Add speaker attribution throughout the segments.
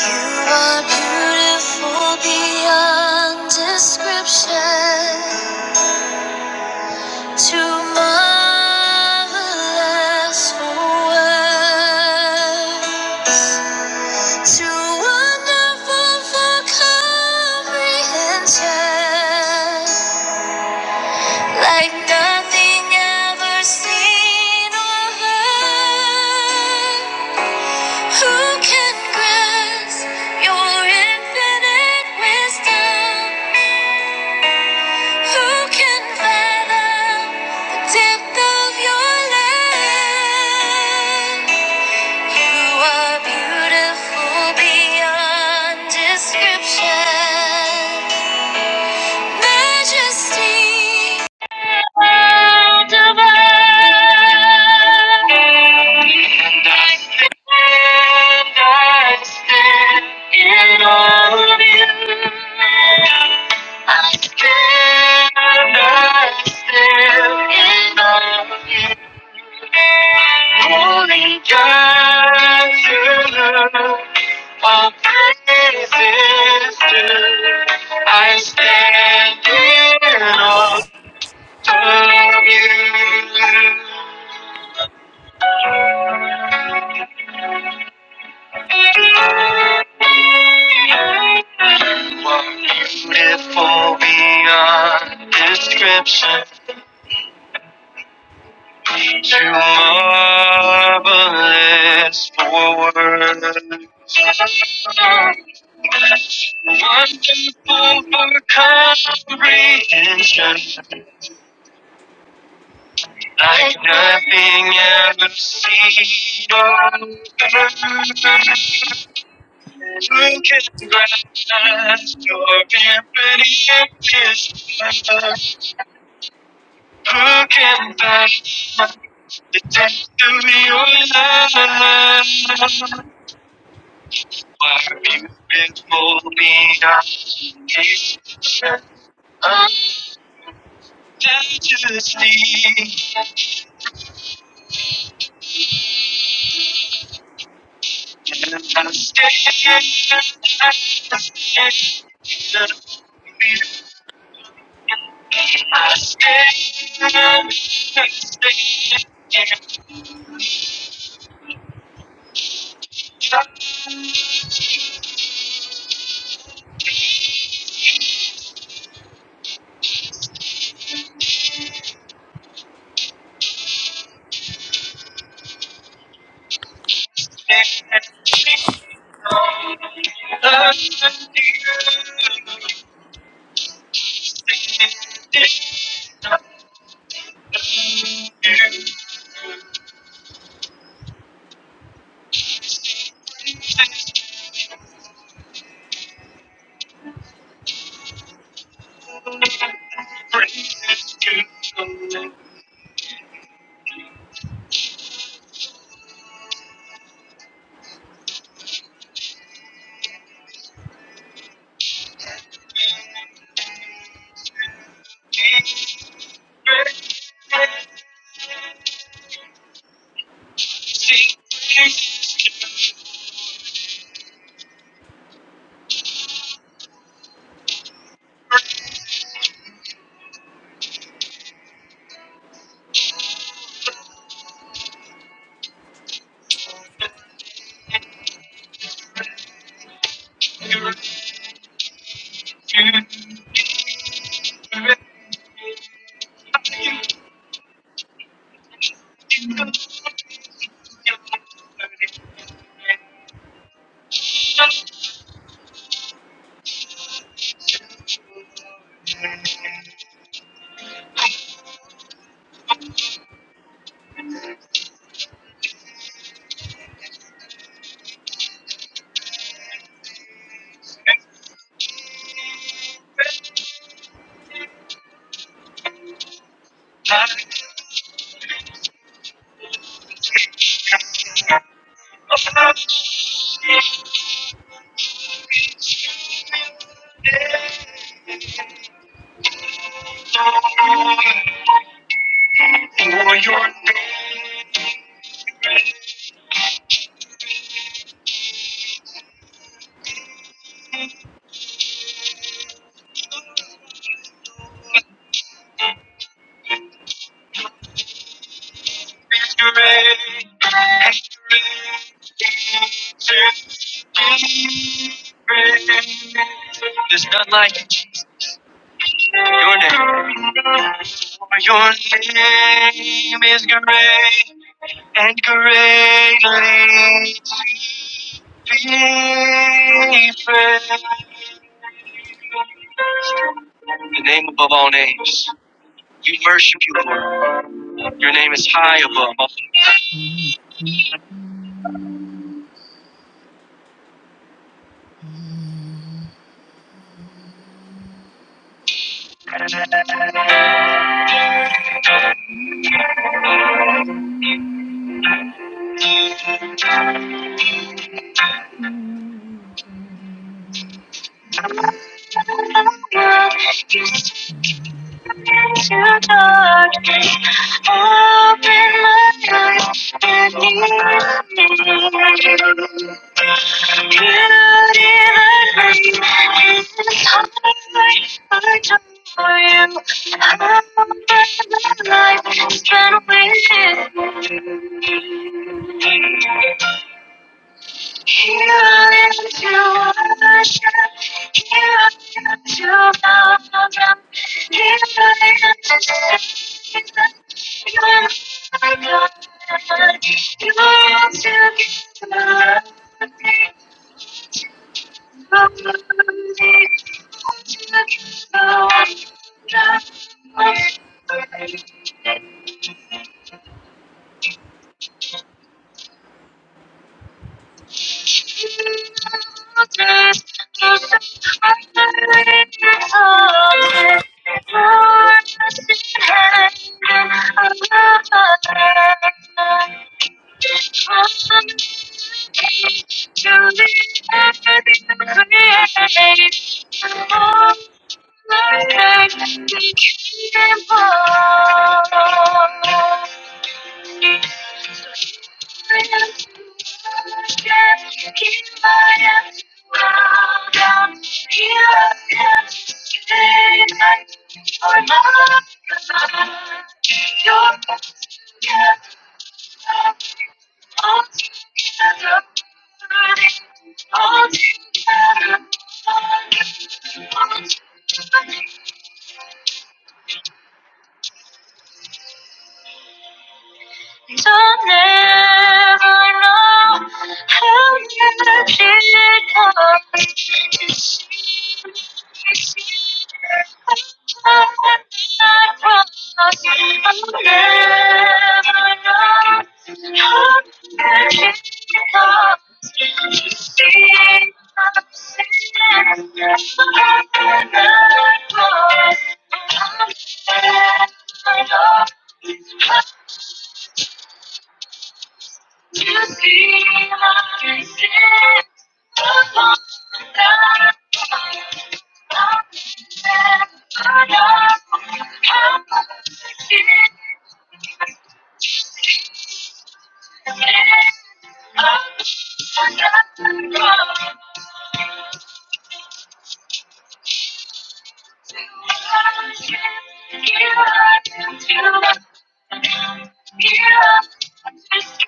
Speaker 1: You are beautiful beyond description. Too marvelous for words. Too wonderful for comprehension like nothing ever seen or heard. Who can grasp your infinite wisdom? Who can fathom the depth of your love? You are beautiful beyond description. Majesty World of And I stand, I stand in awe of you. I stand, I stand in awe of you. Holy God, you are praises due. I stand in awe. Of you. What you did for beyond description. Too marvelous for words. Wonderful for comprehension. Like nothing ever seen on earth. Broken glass your beauty being pretty Who can back the depth of your love Why beautiful beyond description Majesty And I stand I stand, and I I stand and stand and trust For your name is great and greatly to be praised. There's none like your name. For your name is great and greatly to be praised. The name above all names. We worship you, Lord. Your name is high above all.
Speaker 2: Mm.
Speaker 1: names. into darkness. Open my eyes and need me. Thank you. Open my life, spend with you. Here I am to worship. Here I am to bow my drum. Here I am to sing. You are my God. You are together lovely. Lovely together wonderful. Thank you. All together, all together, all together, Don't ever know how much it costs to see me succeed. I'm not cross. I'll never know how much it costs to see me succeed. I'm not cross. I'll never know. To see my sins upon the I'm I'm I to to know how much forgiveness upon the cross. To worship you, I come to worship you. I just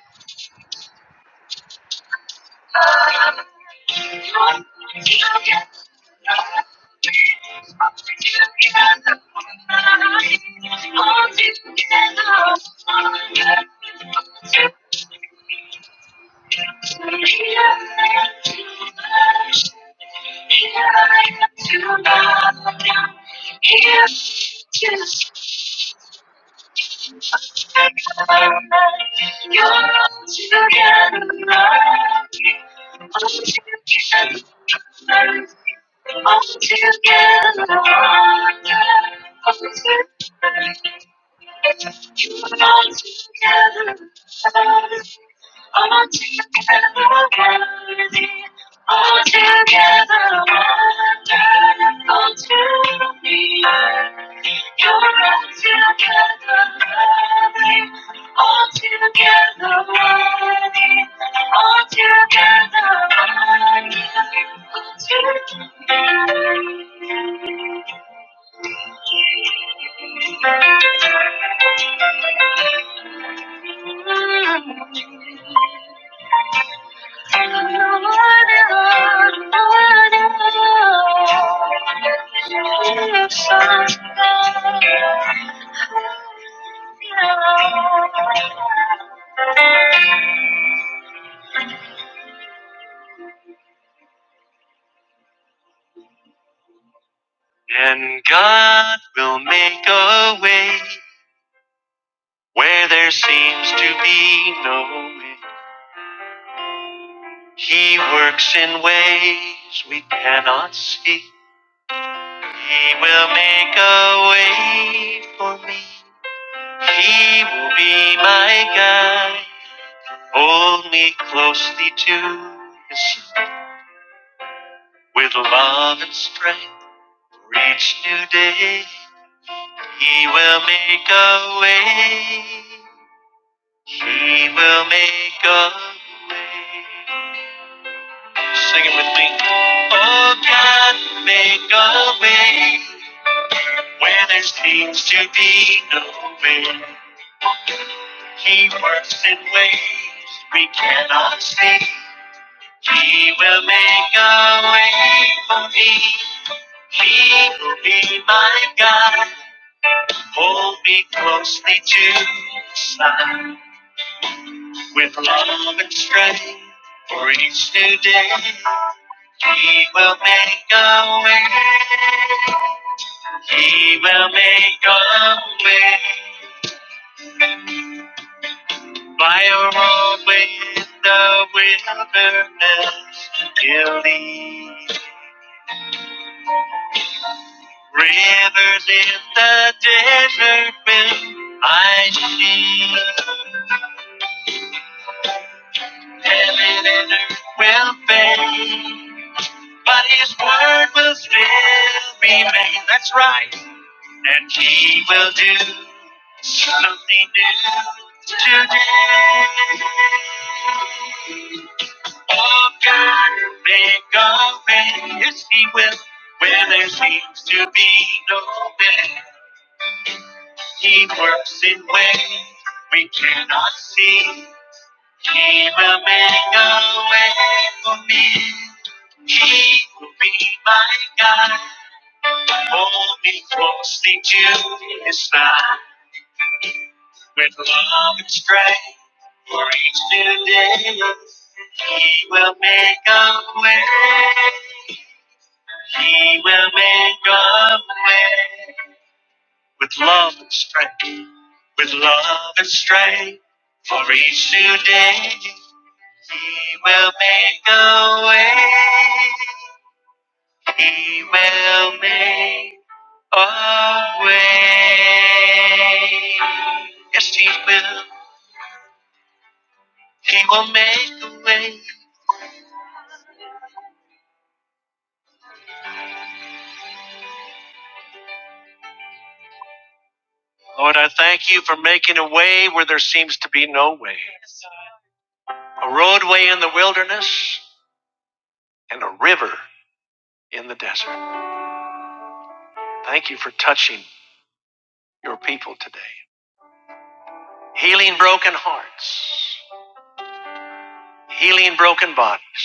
Speaker 1: Up, you're looking at me. I'm looking at you now. All together, we're stronger. Here I am to bow down. Here to stay. All together, All together, all together, worthy, altogether wonderful to me. You're altogether lovely, altogether worthy, altogether wonderful to me. And God will make a way where there seems to be no way. He works in ways we cannot see. He will make a way for me. He will be my guide. Hold me closely to his side with love and strength for each new day. He will make a way. He will make a way. Sing it with me. Oh God, make a way. Where there seems to be no end, He works in ways we cannot see. He will make a way for me. He will be my guide. Hold me closely to His side with love and strength for each new day. He will make a way. He will make a way. By a road in the wilderness, you lead. Rivers in the desert will I see. Heaven and earth will fade, but His word will still remain. That's right. And He will do something new today. Oh, God, make a way. Yes, He will. Where there seems to be no way, He works in ways we cannot see. He will make a way for me. He will be my guide. Hold me closely to His side with love and strength for each new day. He will make a way. He will make a way with love and strength, with love and strength for each new day. He will make a way. He will make a way. Yes, He will. He will make a way. Lord, I thank you for making a way where there seems to be no way. A roadway in the wilderness and a river in the desert. Thank you for touching your people today. Healing broken hearts, healing broken bodies.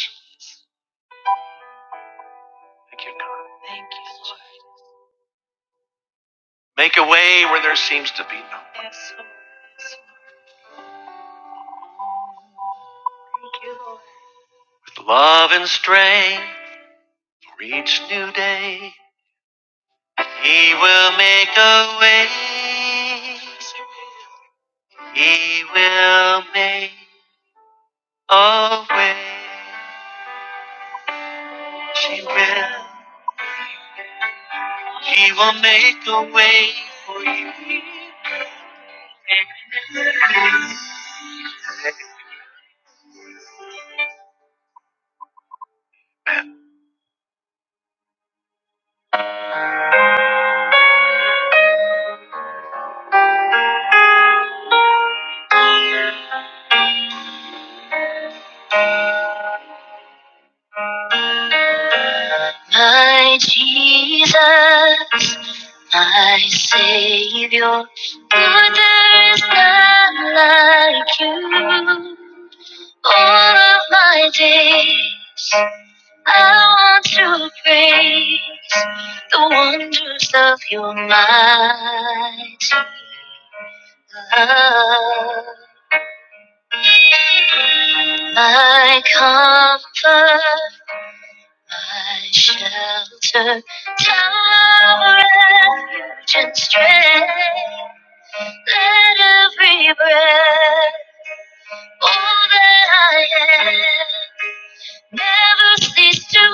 Speaker 1: Thank you, God. Thank you, Lord. Make a way where there seems to be no way. Yes, Lord. Yes, Lord. Thank you, Lord. With love and strength for each new day, He will make a way. He will make a way. She will. He will make a way for you. My Jesus, my Savior, for there is none like you. All of my days, I want to praise the wonders of your mighty love. my comfort, my shelter, tower, of refuge and strength. Let every breath, all that I am, never cease to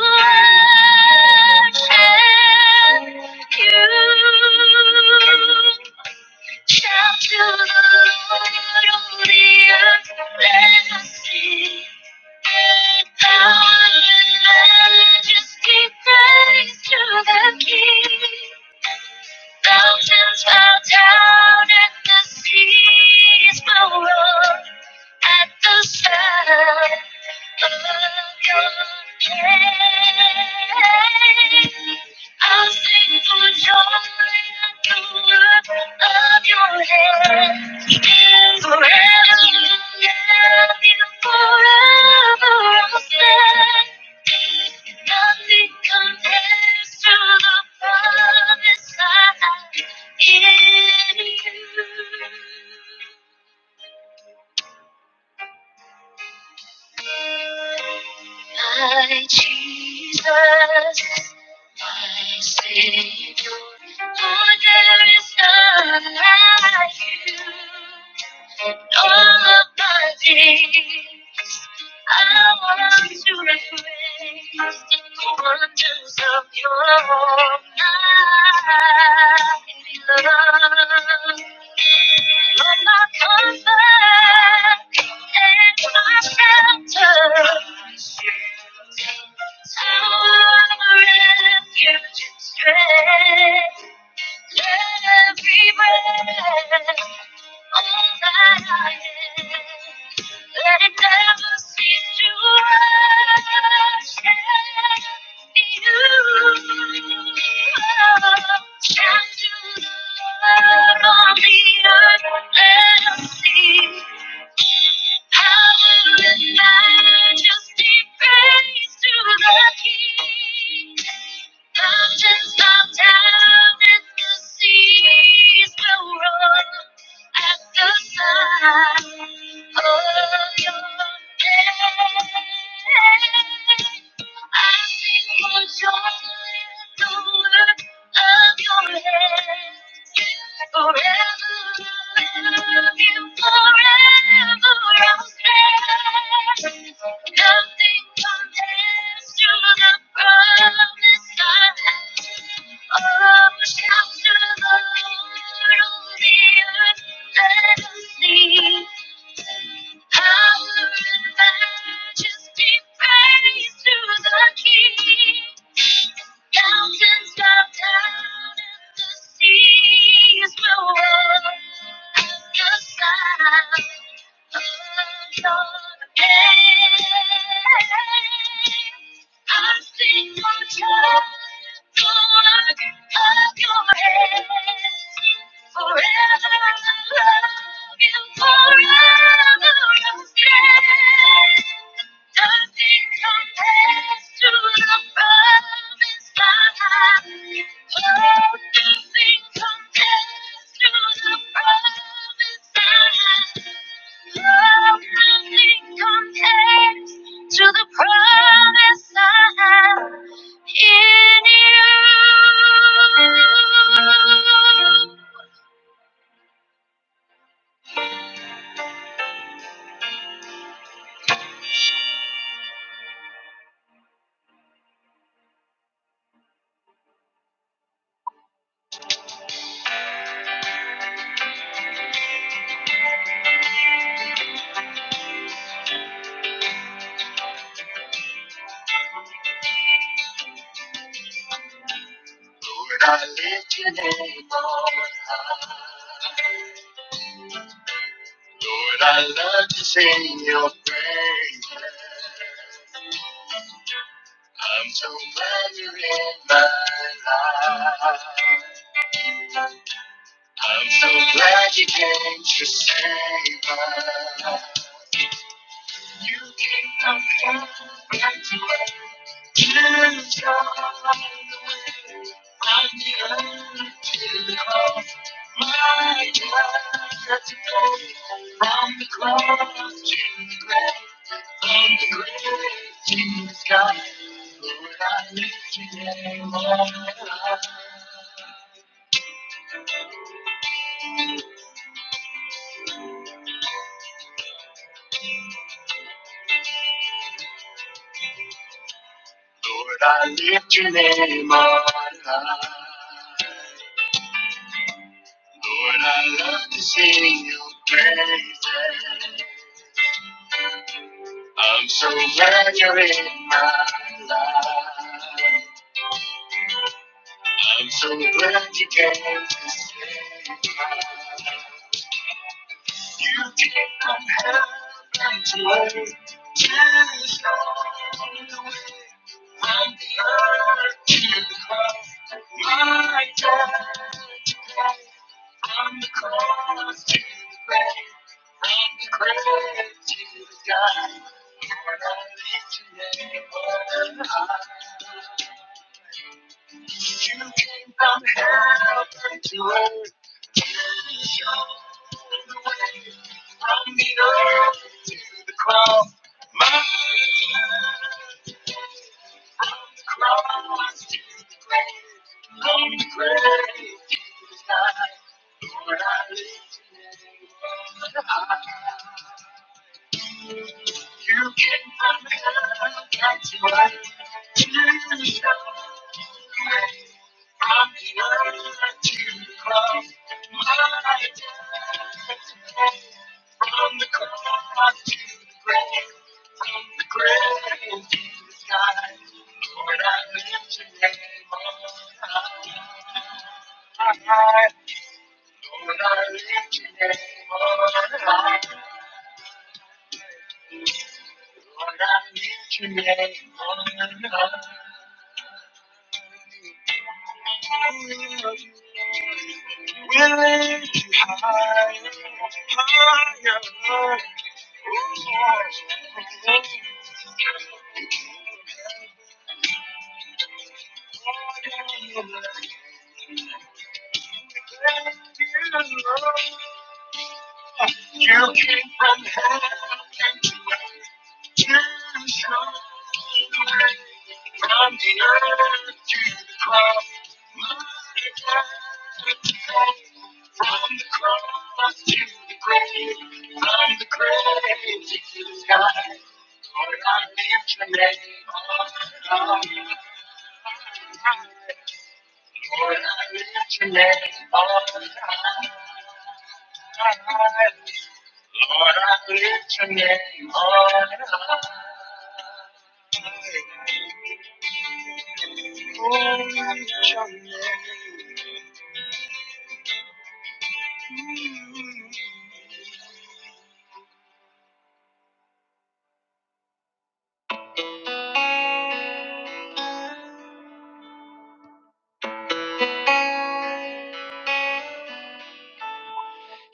Speaker 1: worship you. Chapter of the Lord of the earth, let us see. Power and majesty, praise to the King. Mountains bow down and the seas will roar at the sound of your name. I'll sing for joy at the work of your hands. Forever you have you forever I'll stand. Nothing compares to the promise I have in you. My Jesus, my Savior, for there is none like you. All of my days, I want to reflect the wonders of your mighty love. Lord, my comfort and my shelter. Our refuge and strength every breath all that I am, let it never cease to worship you. Shout to the Lord on the earth, let us see. Power and majesty, praise to the King. Mountains bow down and the seas will roar at the sign of your name. I sing for joy at the work of your hand. Forever, love you forever, I'll stand. Nothing compares to the promise I have. Oh, shout to the Lord, oh, the majesty, power and majesty, praise to the King. Mountains bow down and the seas will roar the sound of your name. I sing for joy at the work of your hands. To the promise I have in you. I love to sing your praise. I'm so full my life. I'm glad you came to save my kingdom. Come to earth. to you're the way. I'm the earth to the cross. My God, today, from the cross to the grave, from the grave to the sky, Lord, I lift your name on high. Lord, I lift your name on high. Lord, I love to sing your praises. So glad you're in my life. So glad you came to You came from heaven to earth to show the way. From the earth to the cross, my death to From the cross to the grave, from the grave to the sky. Lord, I lift your name on high. You came from heaven to earth. You showed the way from the earth to the cross. My life, from the cross to the grave, from the grave to the sky. Lord, I lift your name on high. You came from heaven to earth. You showed the way I'm the to cross my death. From the cross to the grave, from the grave to the sky. Lord, I lift your name on high. Lord, I lift your name on high. Lord, I lift your name on high. Will you higher, higher? higher? Thank you. You came from heaven to earth to show the way from the earth to the cross. My God, from the cross to the grave, from the grave to the sky. Lord, I lift your name on high. Lord, I lift your name on high. Lord, I lift your name on high. Oh, lift your name.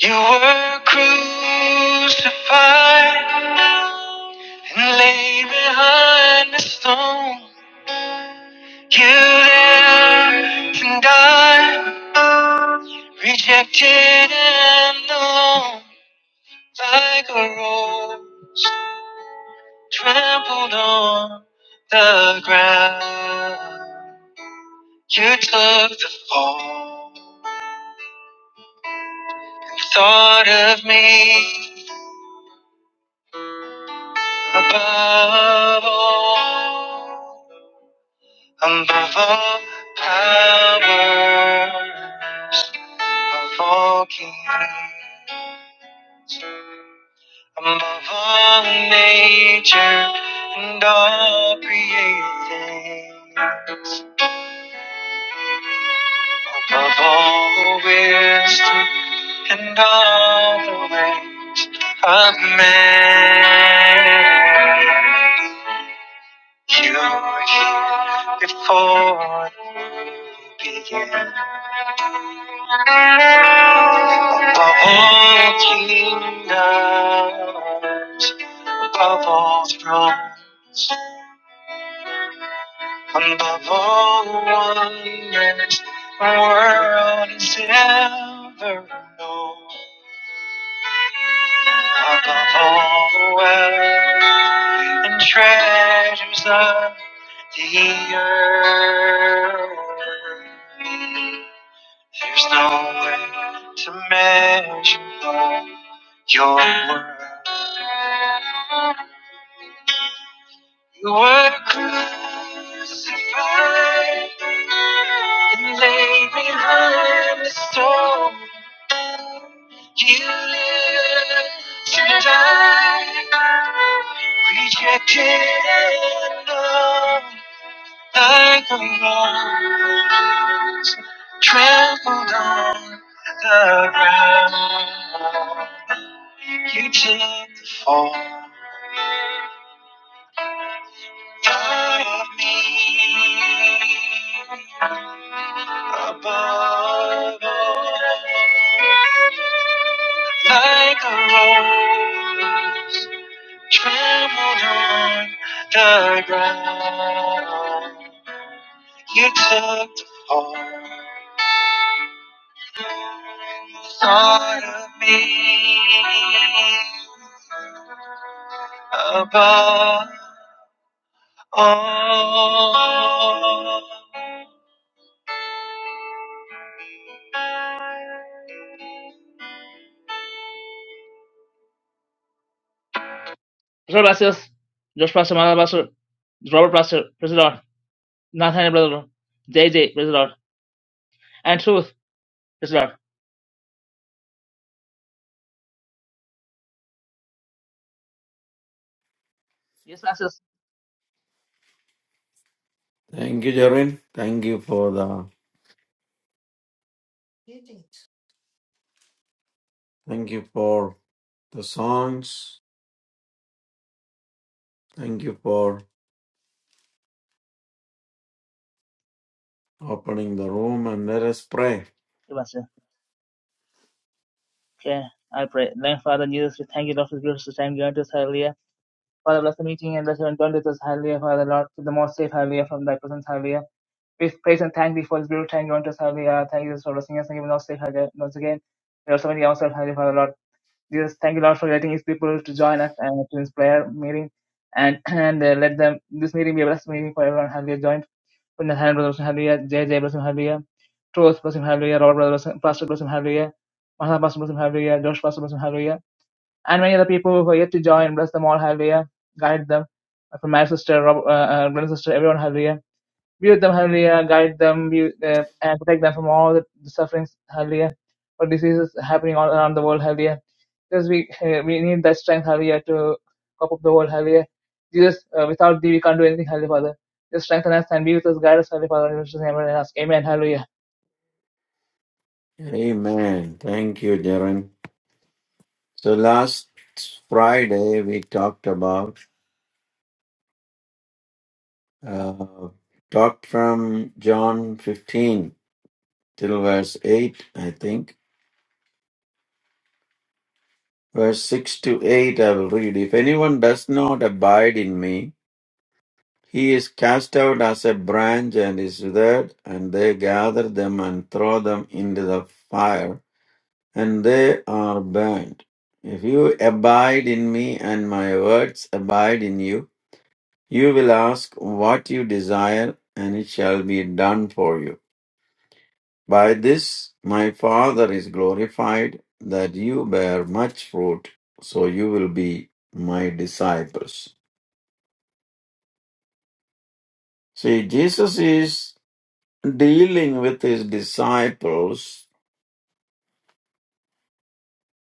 Speaker 1: You were crucified and laid behind the stone. You lived and died, rejected and alone, like a rose. trampled on the ground. You took the fall, You thought of me above all, above all powers, above all kings. Above all nature and all created things, Of all wisdom and all the ways of man, you were here before it began. Above all kingdoms, above all thrones. Above all wonders, the world has ever known. Above all the wealth and treasures of the earth, there's no way to measure all your worth. You were crucified and laid behind the stone. You lived to die, rejected and loved like a rose, trampled on the ground. You took the fall. Part of me, above all, like a rose, trembled on the ground. You took the fall. part of me, above all. Professor Blasius, Josh Pastor, Mother Pastor, Robert Pastor, praise the Nathaniel, brother, Lord. JJ, praise Lord. And truth, praise the Lord. Yes, Blasius.
Speaker 3: Thank you, Jerin. Thank you for the thank you for the songs. Thank you for opening the room and let us pray.
Speaker 1: Yes, Pastor. Okay, I pray. Then, Father, in Jesus, we thank you, Lord, for this beautiful time given to us, hallelujah. Father, bless the meeting and bless everyone joined with us, hallelujah. Father, Lord, keep them all safe, hallelujah, from thy presence, hallelujah. We praise and thank thee for this beautiful time given to us, hallelujah. Thank you, Jesus, for blessing us and giving us safe, hallelujah. Once again, we also many ourselves, hallelujah, Father, Lord. Jesus, thank you, Lord, for letting His people to join us and to this prayer meeting, and and uh, let them this meeting be a blessed meeting for everyone. Hallelujah. Joined from the hand brothers, Hallelujah. JJ, bless him, Hallelujah. Truth, bless him, Hallelujah. Robert, brothers, Pastor, bless him, Hallelujah. Mahal, Pastor, bless him, Hallelujah. Josh, Pastor, bless him, Hallelujah. And many other people who are yet to join, bless them all, Hallelujah. Guide them. From my sister, Rob, uh, uh, brother, sister, everyone, Hallelujah be with them, hallelujah. Guide them be, uh, and protect them from all the, sufferings, hallelujah, or diseases happening all around the world, hallelujah. Because we, uh, we need that strength, hallelujah, to cope up the world, hallelujah. Jesus, uh, without thee, we can't do anything, hallelujah, Father. Just strengthen us and be with us, guide us, hallelujah, Father. In Jesus' name, and ask, Amen, hallelujah.
Speaker 3: Amen. Thank you, Jerin. So last Friday we talked about uh, talked from John fifteen till verse eight, I think. Verse six to eight I will read. If anyone does not abide in me, He is cast out as a branch and is withered, and they gather them and throw them into the fire, and they are burned. If you abide in me and my words abide in you, you will ask what you desire, and it shall be done for you. By this my Father is glorified, that you bear much fruit, so you will be my disciples. See, Jesus is dealing with his disciples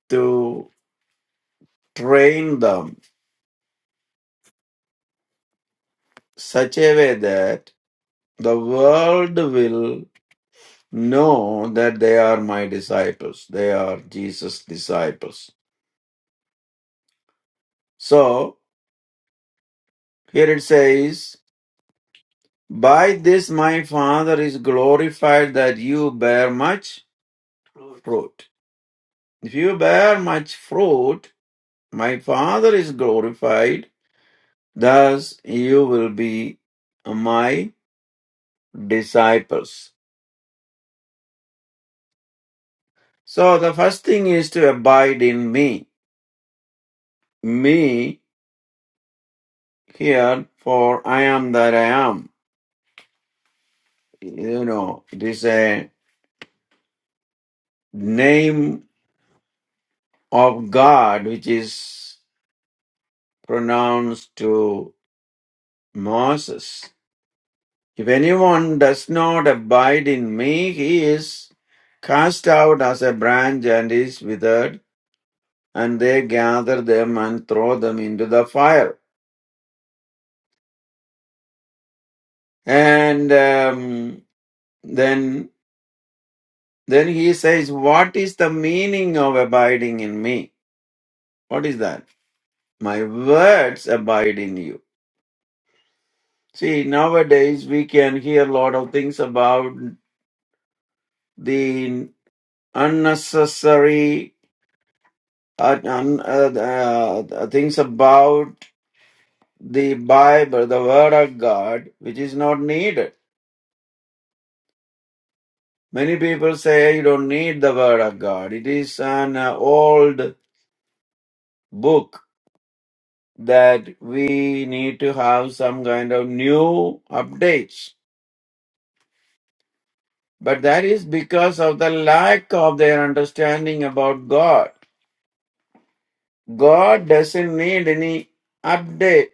Speaker 3: to train them such a way that the world will know that they are my disciples. They are Jesus' disciples. So here it says, By this my Father is glorified that you bear much fruit. If you bear much fruit, my Father is glorified, thus you will be my disciples. So the first thing is to abide in me. Me here, for I am that I am. You know, it is a name of God which is pronounced to Moses. If anyone does not abide in me, he is cast out as a branch and is withered, and they gather them and throw them into the fire. And um, then Then he says, What is the meaning of abiding in me? What is that? My words abide in you. See, nowadays we can hear a lot of things about the unnecessary uh, un, uh, uh, uh, things about the Bible, the Word of God, which is not needed. Many people say you don't need the Word of God. It is an uh, old book that we need to have some kind of new updates. But that is because of the lack of their understanding about God. God doesn't need any update.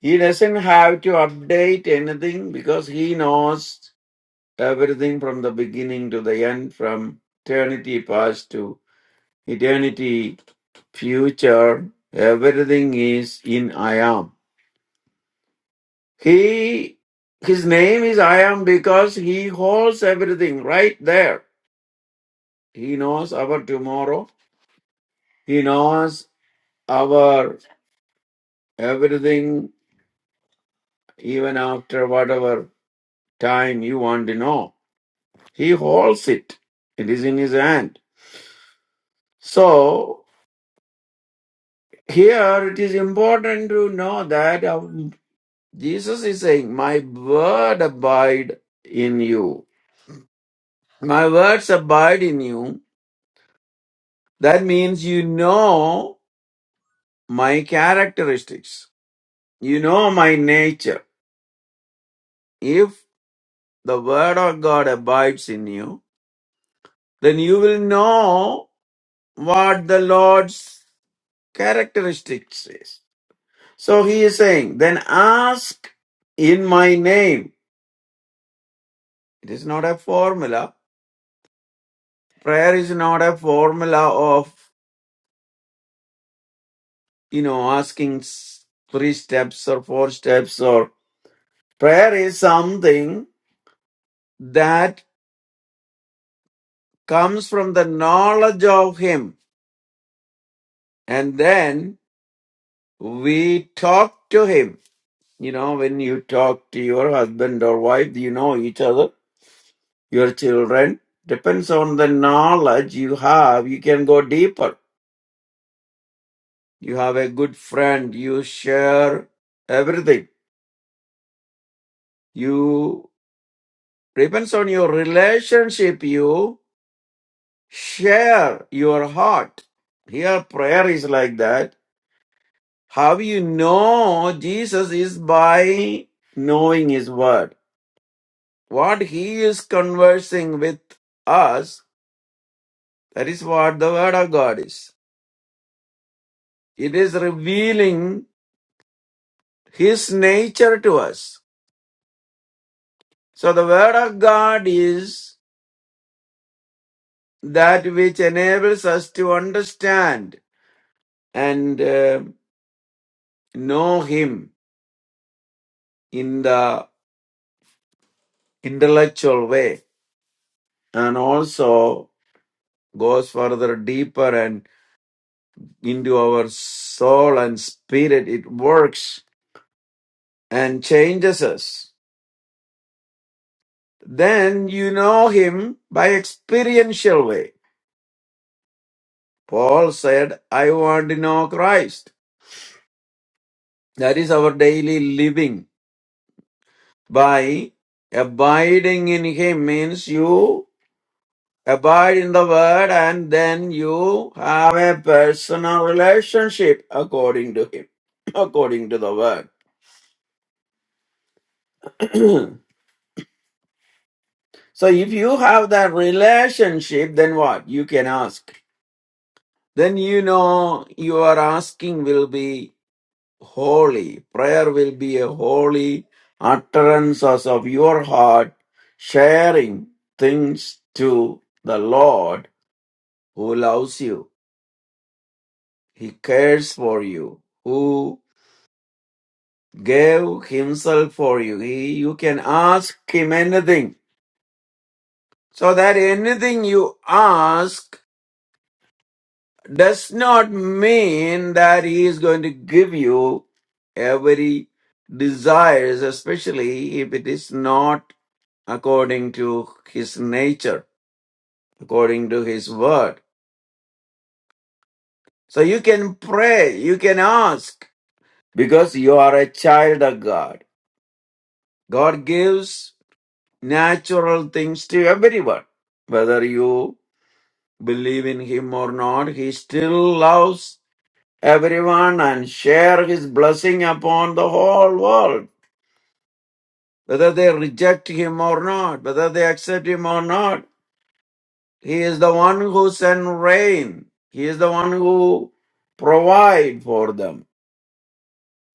Speaker 3: He doesn't have to update anything because He knows everything from the beginning to the end, from eternity past to eternity future. Everything is in I am. He his name is I am because he holds everything right there. He knows our tomorrow. He knows our everything even after whatever time you want to know. He holds it. It is in his hand. So here it is important to know that um, Jesus is saying, My word abide in you. My words abide in you. That means you know my characteristics. You know my nature. If the word of God abides in you, then you will know what the Lord's characteristics is. So he is saying, then ask in my name. It is not a formula. Prayer is not a formula of, you know, asking s- three steps or four steps or prayer is something that comes from the knowledge of him and then we talk to him. You know, when you talk to your husband or wife, you know each other, your children. Depends on the knowledge you have, you can go deeper. You have a good friend, you share everything. You, depends on your relationship, you share your heart. Here, prayer is like that. How you know Jesus is by knowing His Word What he is conversing with us, that is what the word of God is. It is revealing his nature to us. So the word of God is that which enables us to understand and uh, know him in the intellectual way and also goes further deeper and into our soul and spirit it works and changes us Then you know him by experiential way. Paul said, I want to know Christ. That is our daily living. By abiding in him means you abide in the word and then you have a personal relationship according to him, according to the word. so if you have that relationship, then what? You can ask. Then you know your asking will be holy. Prayer will be a holy utterance of your heart, sharing things to the Lord who loves you. He cares for you, who gave himself for you. He, you can ask him anything. So that anything you ask does not mean that he is going to give you every desires, especially if it is not according to his nature, according to his word. So you can pray, you can ask, because you are a child of God. God gives natural things to everyone. Whether you believe in him or not, he still loves everyone and share his blessing upon the whole world. Whether they reject him or not, whether they accept him or not, He is the one who sends rain. He is the one who provides for them.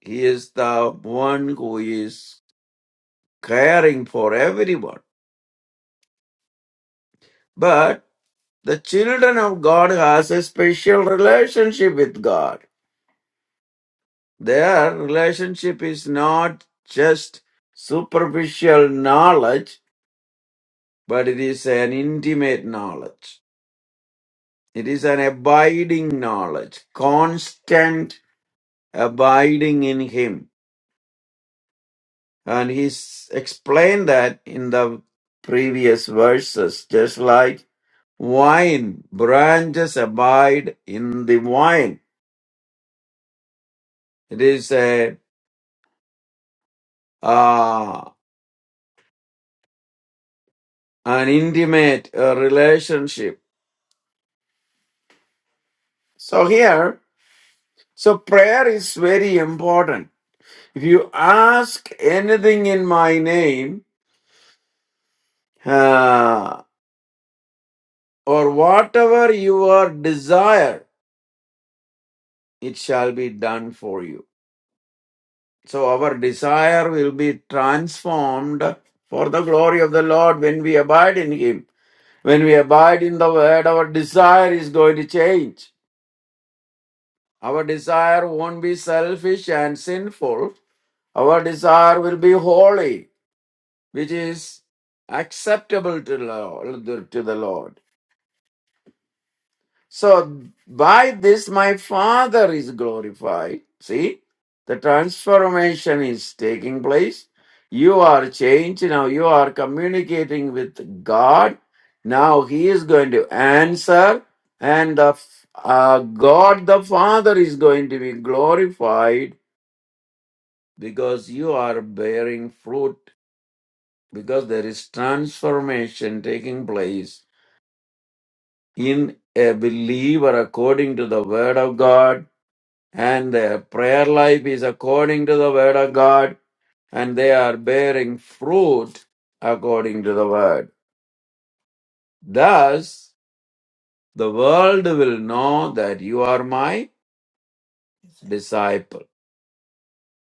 Speaker 3: He is the one who is caring for everyone. But the children of God has a special relationship with God. Their relationship is not just superficial knowledge, but it is an intimate knowledge. It is an abiding knowledge, constant abiding in Him And he's explained that in the previous verses, just like wine, branches abide in the wine. It is a uh, an intimate uh, relationship. So here, so prayer is very important. If you ask anything in my name, uh, or whatever your desire, it shall be done for you. So our desire will be transformed for the glory of the Lord when we abide in Him. When we abide in the Word, our desire is going to change. Our desire won't be selfish and sinful. Our desire will be holy, which is acceptable to the Lord. to the Lord. So by this my Father is glorified. See, the transformation is taking place. You are changed now. You are communicating with God. Now He is going to answer, and the f- uh, God the Father is going to be glorified because you are bearing fruit. Because there is transformation taking place in a believer according to the Word of God And their prayer life is according to the word of God, and they are bearing fruit according to the word. Thus, the world will know that you are my disciple,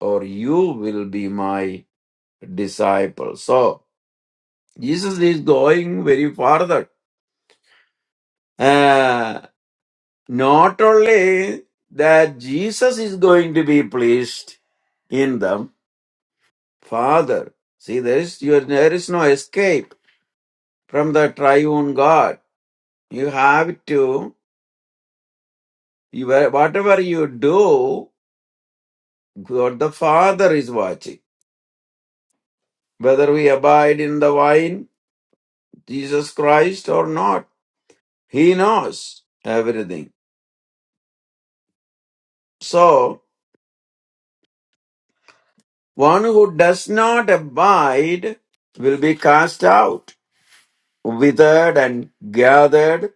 Speaker 3: or you will be my disciple. So, Jesus is going very farther. Uh, not only that Jesus is going to be pleased in them, Father. See, there is, you, there is no escape from the triune God. You have to, you, whatever you do, God the Father is watching. Whether we abide in the vine, Jesus Christ, or not, He knows everything. So, one who does not abide will be cast out, withered and gathered,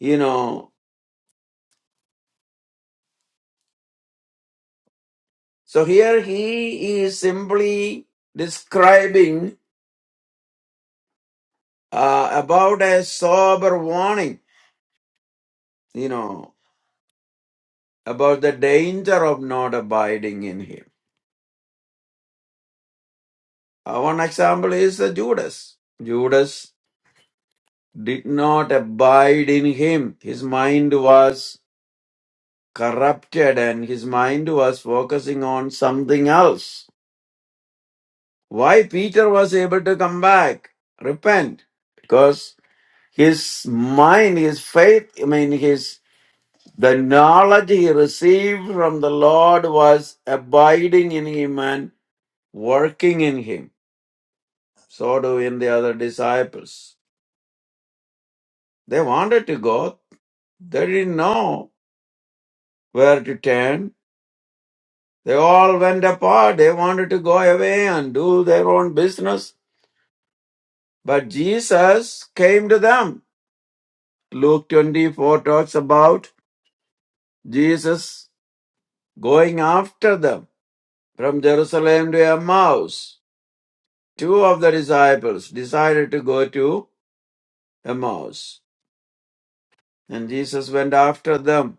Speaker 3: you know. So here he is simply describing uh, about a sober warning you know, about the danger of not abiding in him. Uh, One example is uh, Judas. Judas did not abide in him. His mind was corrupted and his mind was focusing on something else. Why Peter was able to come back, repent? Because his mind, his faith, I mean, his the knowledge he received from the Lord was abiding in him and working in him. So do in the other disciples. They wanted to go. They didn't know where to turn. They all went apart. They wanted to go away and do their own business. But Jesus came to them. Luke 24 talks about Jesus going after them from Jerusalem to Emmaus. Two of the disciples decided to go to Emmaus. And Jesus went after them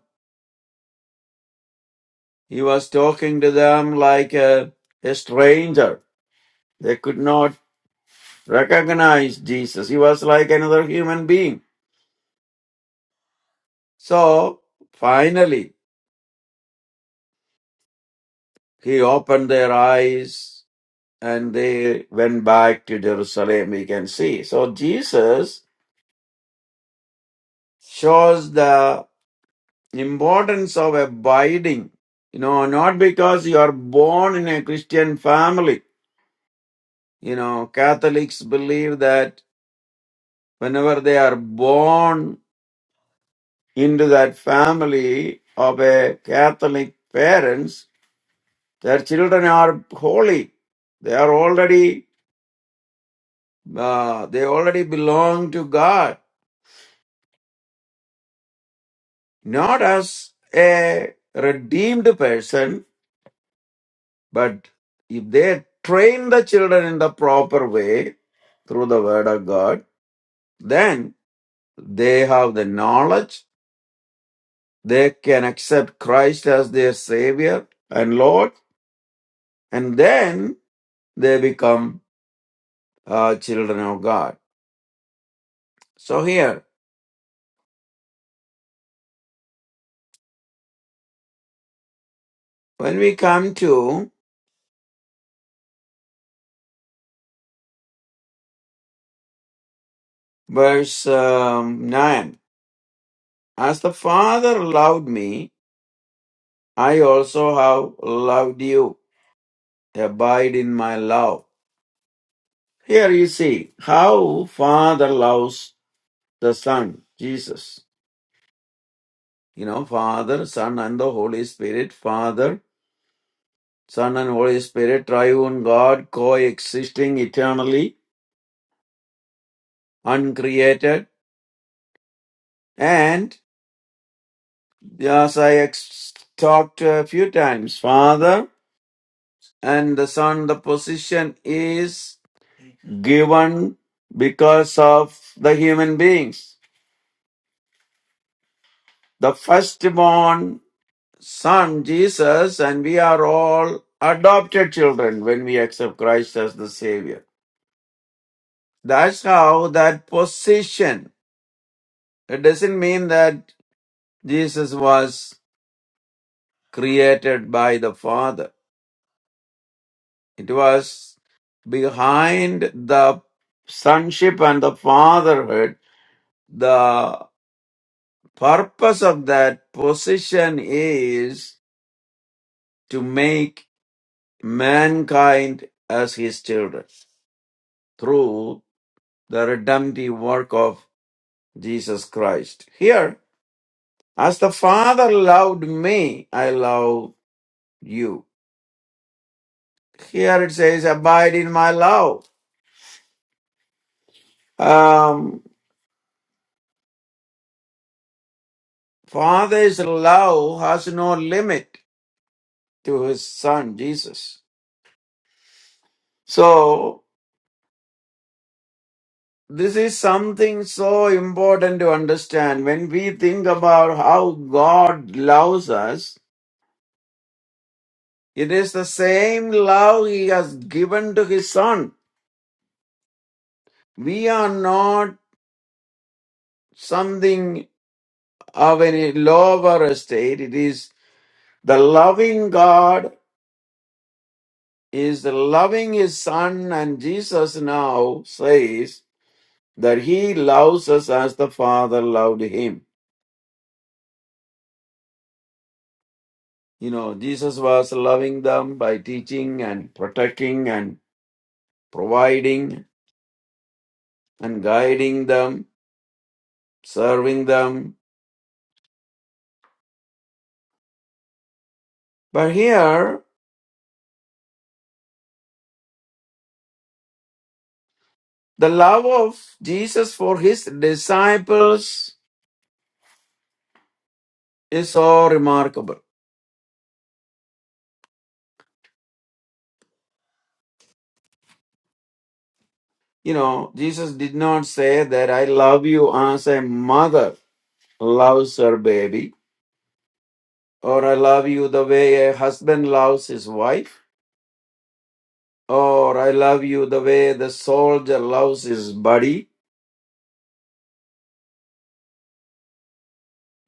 Speaker 3: He was talking to them like a, a stranger. They could not recognize Jesus. He was like another human being. So finally, he opened their eyes and they went back to Jerusalem, we can see. So Jesus shows the importance of abiding. You know, not because you are born in a Christian family. You know, Catholics believe that whenever they are born into that family of a Catholic parents, their children are holy. They are already uh, they already belong to God, not as a redeemed person, but if they train the children in the proper way through the Word of God, then they have the knowledge. They can accept Christ as their Savior and Lord, and then they become uh, children of God. So here, when we come to verse um, 9, as the Father loved me, I also have loved you. Abide in my love. Here you see how Father loves the Son, Jesus. You know, Father, Son, and the Holy Spirit. Father, Son, and Holy Spirit, triune God, coexisting eternally, uncreated. And Yes, I ex- talked a few times. Father and the Son, the position is given because of the human beings. The firstborn Son, Jesus, and we are all adopted children when we accept Christ as the Savior. That's how that position. It doesn't mean that Jesus was created by the Father It was behind the sonship and the fatherhood. The purpose of that position is to make mankind as his children through the redemptive work of Jesus Christ. Here, as the Father loved me, I love you. Here it says, abide in my love. Um, Father's love has no limit to his son Jesus. So, this is something so important to understand. When we think about how God loves us, it is the same love he has given to his son. We are not something of any lower estate. It is the loving God is loving his son, and Jesus now says that he loves us as the Father loved him. You know, Jesus was loving them by teaching and protecting and providing and guiding them, serving them. But here, the love of Jesus for his disciples is so remarkable. You know, Jesus did not say that I love you as a mother loves her baby, or I love you the way a husband loves his wife, or I love you the way the soldier loves his buddy.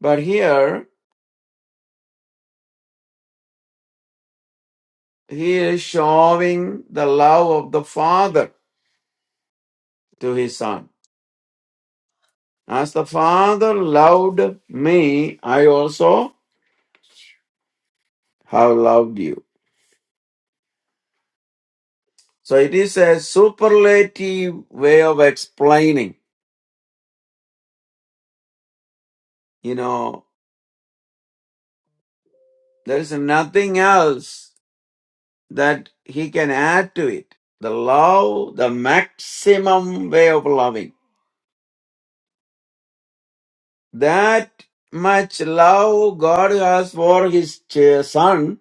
Speaker 3: But here, He is showing the love of the Father to his Son. As the Father loved me, I also have loved you. So it is a superlative way of explaining. You know, there is nothing else that he can add to it. The love, the maximum way of loving. That much love God has for his ch- Son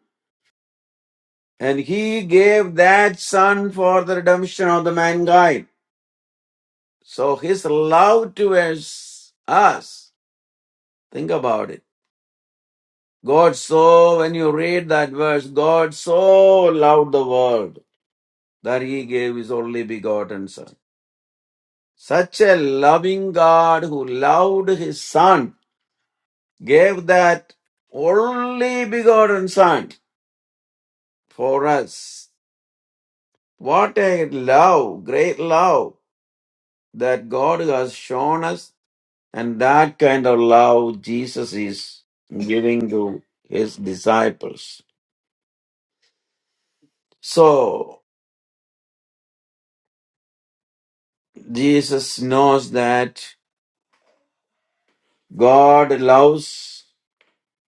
Speaker 3: And he gave that son for the redemption of the mankind. So his love towards us, think about it. God so, when you read that verse, God so loved the world that he gave his only begotten son. Such a loving God who loved his son gave that only begotten son for us. What a love, great love that God has shown us And that kind of love Jesus is giving to his disciples. So Jesus knows that God loves,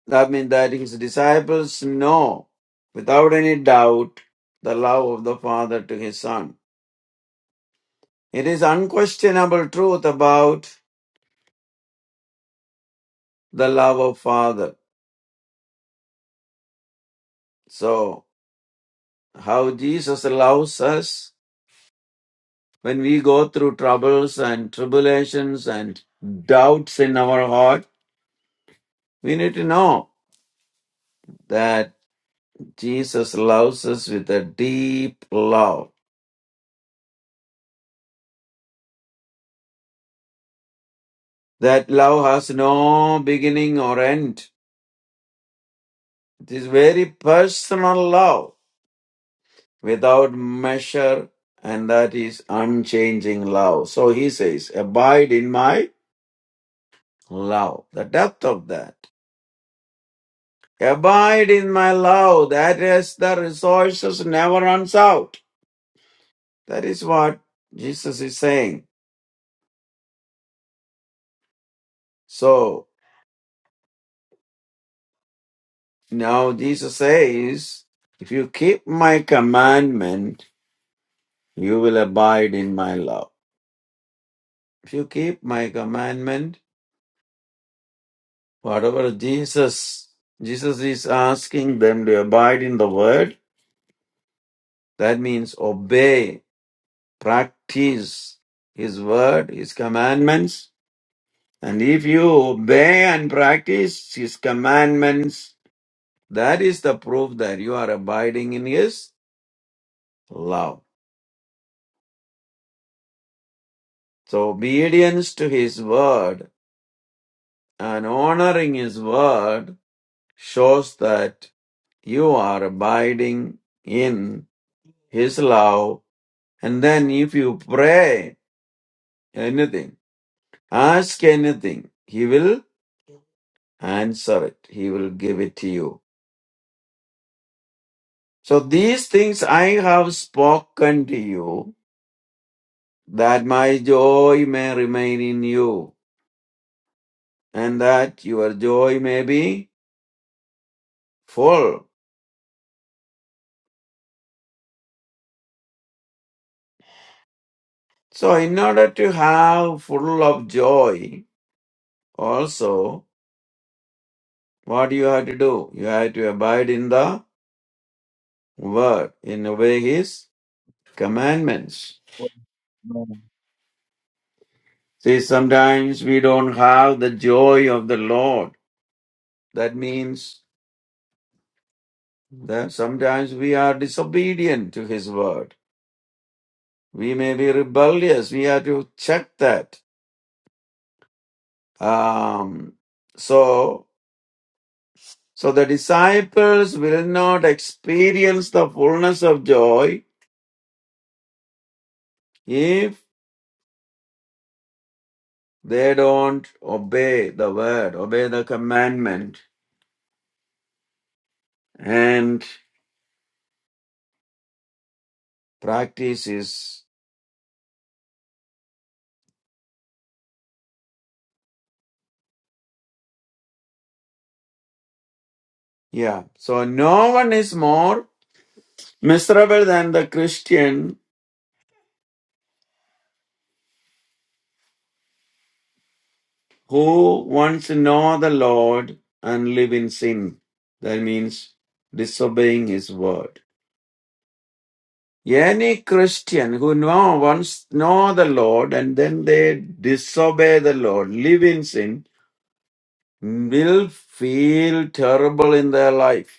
Speaker 3: that means that his disciples know without any doubt the love of the Father to his Son. It is unquestionable truth about the love of Father. So how Jesus loves us When we go through troubles and tribulations and doubts in our heart, we need to know that Jesus loves us with a deep love. That love has no beginning or end. It is very personal love without measure and that is unchanging love. So he says, abide in my love. The depth of that. Abide in my love. That is the resources never runs out. That is what Jesus is saying. So now Jesus says, if you keep my commandment, you will abide in my love. If you keep my commandment, whatever Jesus, Jesus is asking them to abide in the word, that means obey, practice his word, his commandments. And if you obey and practice his commandments, that is the proof that you are abiding in his love. So obedience to his word and honoring his word shows that you are abiding in his love. And then if you pray anything, ask anything, he will answer it. He will give it to you. So these things I have spoken to you that my joy may remain in you and that your joy may be full. So, in order to have full of joy, also, what you have to do? You have to abide in the word, in obey his commandments.
Speaker 1: Amen.
Speaker 3: See, sometimes we don't have the joy of the Lord. That means that sometimes we are disobedient to his word. We may be rebellious. We have to check that. Um, so, so the disciples will not experience the fullness of joy If they don't obey the word, obey the commandment, and practice is, yeah. So no one is more miserable than the Christian who wants to know the Lord and live in sin. That means disobeying his word. Any Christian who know, wants know the Lord and then they disobey the Lord, live in sin, will feel terrible in their life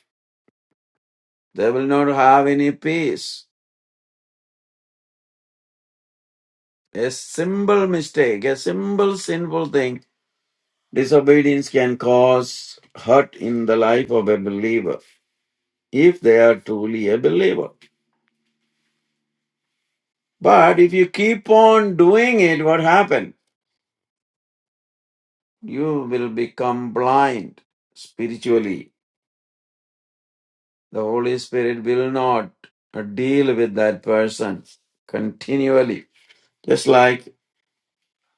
Speaker 3: They will not have any peace. A simple mistake, a simple sinful thing, disobedience can cause hurt in the life of a believer if they are truly a believer. But if you keep on doing it, what happens? You will become blind spiritually. The Holy Spirit will not deal with that person continually. Just like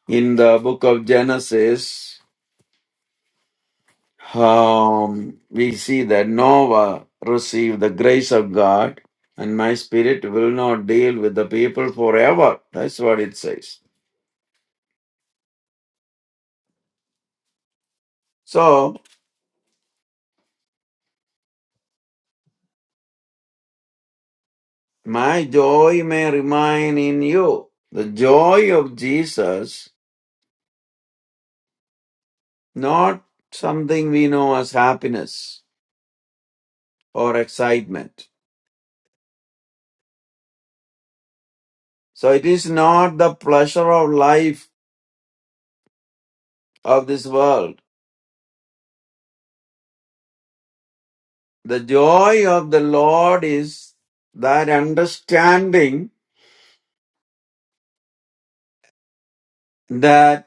Speaker 3: in the book of Genesis, um, we see that Noah received the grace of God, and my spirit will not deal with the people forever. That's what it says. So, my joy may remain in you. The joy of Jesus, not something we know as happiness or excitement. So, it is not the pleasure of life of this world. The joy of the Lord is that understanding that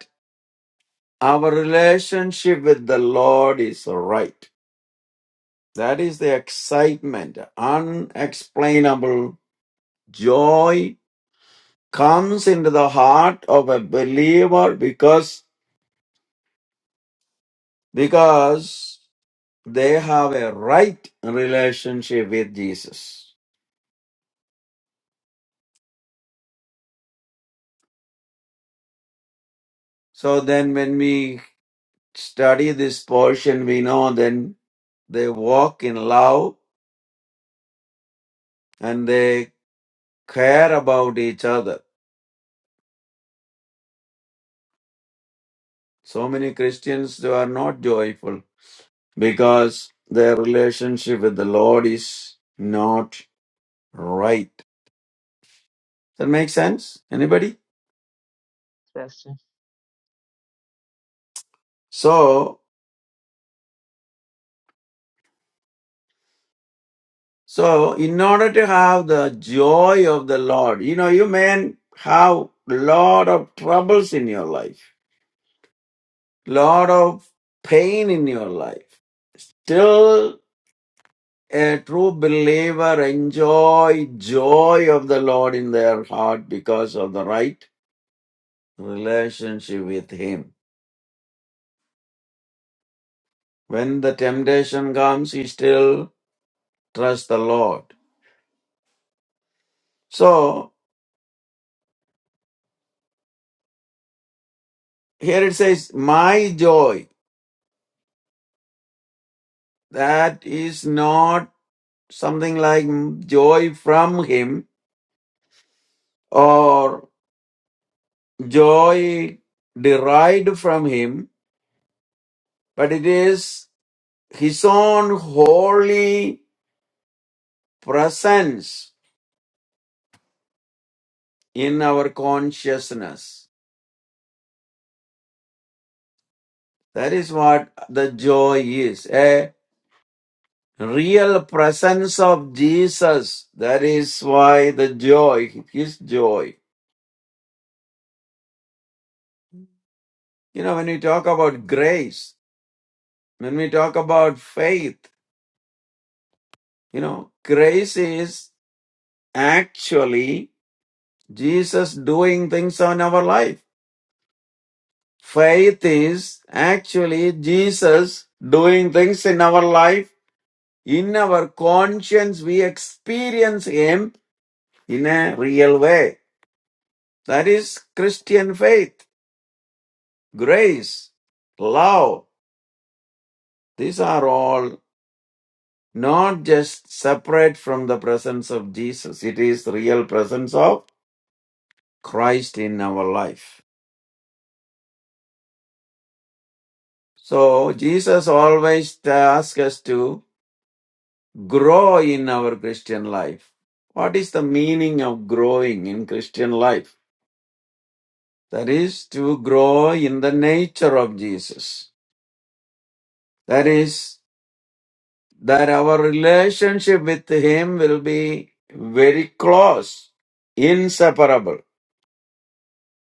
Speaker 3: Our relationship with the Lord is right. That is the excitement, unexplainable joy comes into the heart of a believer because because they have a right relationship with Jesus. So then when we study this portion we know then they walk in love and they care about each other. So many Christians they are not joyful because their relationship with the Lord is not right. That makes sense? Anybody?
Speaker 1: Pastor.
Speaker 3: So, so in order to have the joy of the Lord, you know, you may have lot of troubles in your life, lot of pain in your life. Till a true believer enjoy joy of the Lord in their heart because of the right relationship with Him. When the temptation comes, he still trusts the Lord. So here it says, my joy. That is not something like joy from him or joy derived from him, but it is his own holy presence in our consciousness. That is what the joy is. a real presence of Jesus. That is why the joy, his joy. You know, when we talk about grace, when we talk about faith, you know, grace is actually Jesus doing things on our life. Faith is actually Jesus doing things in our life. In our conscience, we experience Him in a real way. That is Christian faith. grace, love, these are all not just separate from the presence of Jesus. It is real presence of Christ in our life. So Jesus always asks us to grow in our Christian life. What is the meaning of growing in Christian life? That is to grow in the nature of Jesus. That is that our relationship with Him will be very close, inseparable.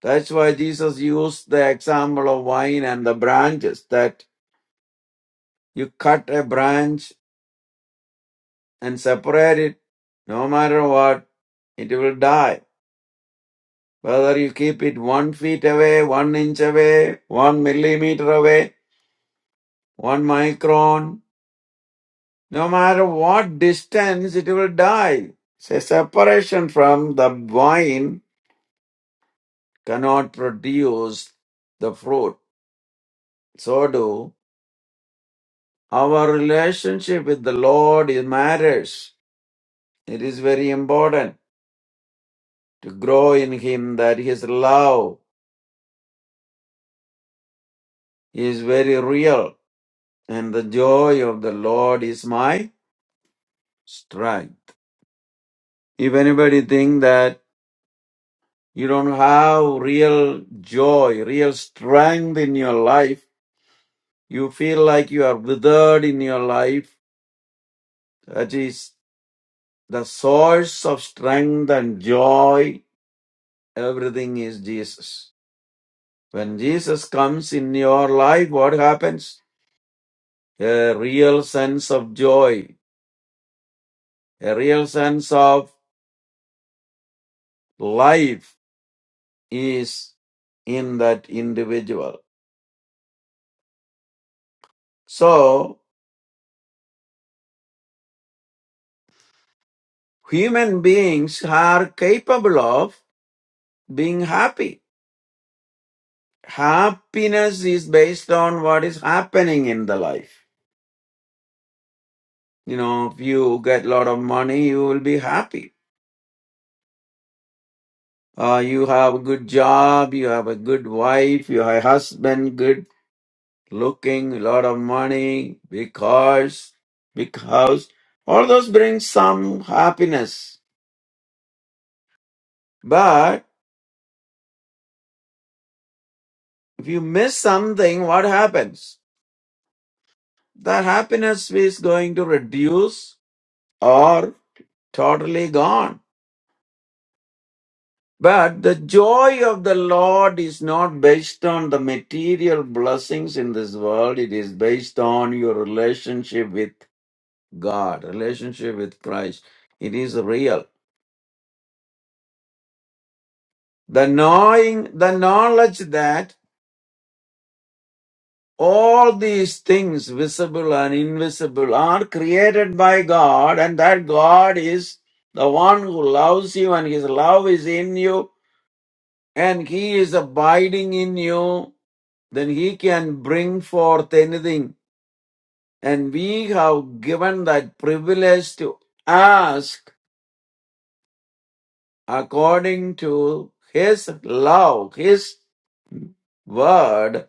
Speaker 3: That's why Jesus used the example of wine and the branches that you cut a branch and separate it, no matter what, it will die. Whether you keep it one feet away, one inch away, one millimeter away, one micron, no matter what distance, it will die. It's a separation from the vine cannot produce the fruit. So do our relationship with the Lord it matters. It is very important to grow in Him that His love is very real and the joy of the Lord is my strength. If anybody think that you don't have real joy, real strength in your life, you feel like you are withered in your life, That is. The source of strength and joy, everything is Jesus. When Jesus comes in your life, what happens? A real sense of joy, a real sense of life is in that individual. So, human beings are capable of being happy. Happiness is based on what is happening in the life. You know, if you get a lot of money, you will be happy Uh, you have a good job, you have a good wife, you have a husband, good looking, a lot of money, big cars, big house. All those bring some happiness. But if you miss something, what happens? That happiness is going to reduce or totally gone. But the joy of the Lord is not based on the material blessings in this world. It is based on your relationship with God, relationship with Christ. It is real. The knowing, the knowledge that all these things, visible and invisible, are created by God, and that God is the one who loves you, and His love is in you, and He is abiding in you, then He can bring forth anything. And we have given that privilege to ask according to His love, His word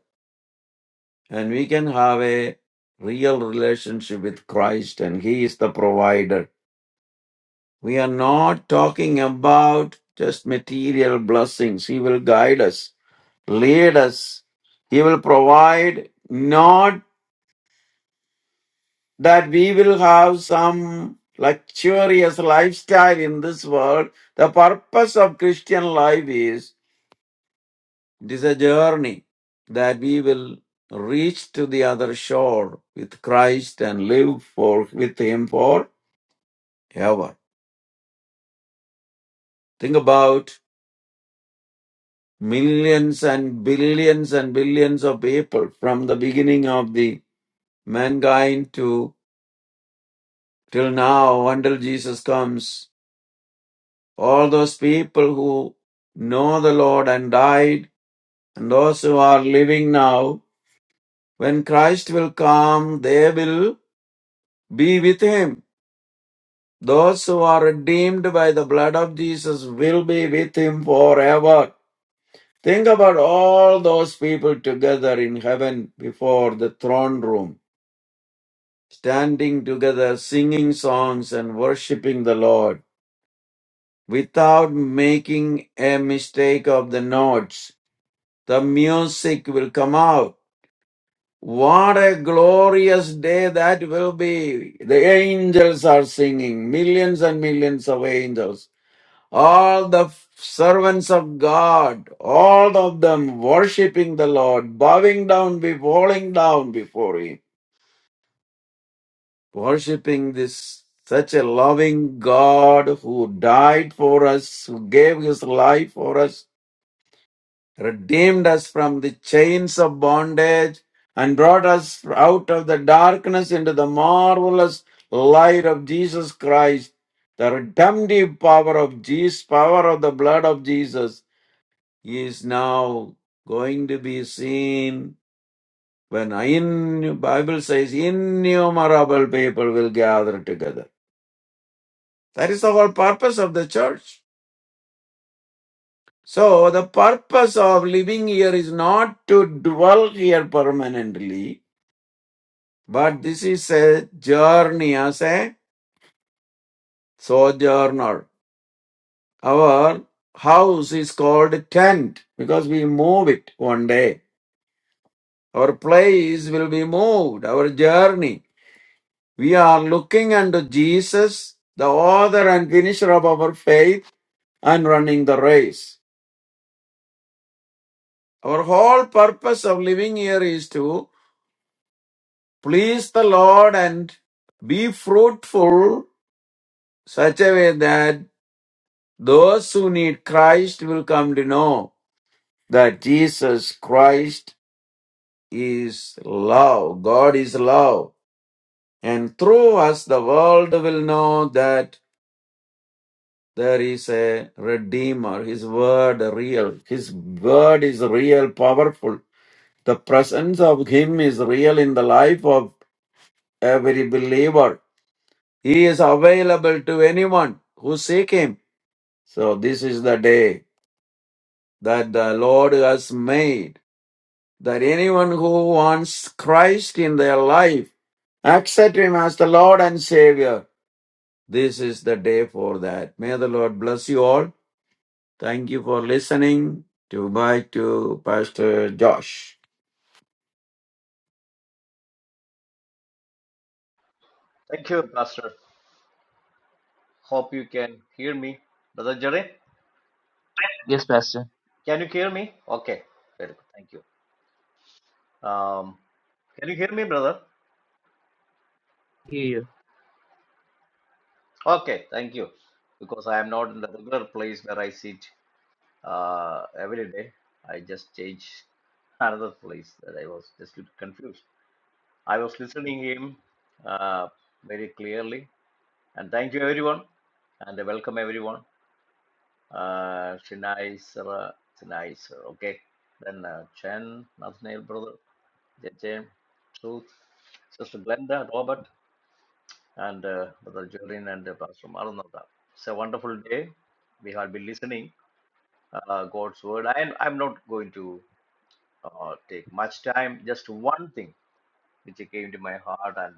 Speaker 3: and we can have a real relationship with Christ and He is the provider. We are not talking about just material blessings. He will guide us, lead us. He will provide not that we will have some luxurious lifestyle in this world. The purpose of Christian life is It is a journey that we will reach to the other shore with Christ and live for with Him forever. Think about millions and billions and billions of people from the beginning of the mankind to till now until Jesus comes. All those people who know the Lord and died and those who are living now, when Christ will come, they will be with Him Those who are redeemed by the blood of Jesus will be with him forever. Think about all those people together in heaven before the throne room, standing together, singing songs and worshiping the Lord without making a mistake of the notes. The music will come out. What a glorious day that will be. The angels are singing, millions and millions of angels all the servants of God, all of them worshiping the Lord, bowing down, be falling down before Him, worshiping this such a loving God who died for us, who gave His life for us, redeemed us from the chains of bondage, and brought us out of the darkness into the marvelous light of Jesus Christ. The redemptive power of Jesus, power of the blood of Jesus, is now going to be seen when in Bible says innumerable people will gather together. That is the whole purpose of the church. So the purpose of living here is not to dwell here permanently, but this is a journey as a sojourner. Our house is called tent because we move it one day. Our place will be moved, our journey. We are looking unto Jesus, the author and finisher of our faith, and running the race. Our whole purpose of living here is to please the Lord and be fruitful such a way that those who need Christ will come to know that Jesus Christ is love. God is love. And through us, the world will know that There is a Redeemer. His word real. His word is real, powerful. The presence of Him is real in the life of every believer. He is available to anyone who seek Him. So this is the day that the Lord has made. That anyone who wants Christ in their life, accept Him as the Lord and Savior. This is the day for that. May the Lord bless you all. Thank you for listening to bye to Pastor Josh.
Speaker 2: Thank you, Pastor. Hope you can hear me. Brother Jerry,
Speaker 1: Yes, Pastor.
Speaker 2: can you hear me? Okay, very good. Thank you. Um, can you hear me, brother?
Speaker 1: Hear you.
Speaker 2: Okay, thank you. Because I am not in the regular place where I sit uh, every day. I just change another place that I was just little confused. I was listening him uh, very clearly. And thank you, everyone. And welcome, everyone. uh, Shinizer, Shinizer, okay. Then uh, Chen, Nathaniel, brother, J J, Truth, Sister Glenda, Robert, and uh, Brother Jorin and uh, Pastor Maranatha. It's a wonderful day. We have been listening uh, God's word. I, I'm not going to uh, take much time, just one thing which came to my heart, and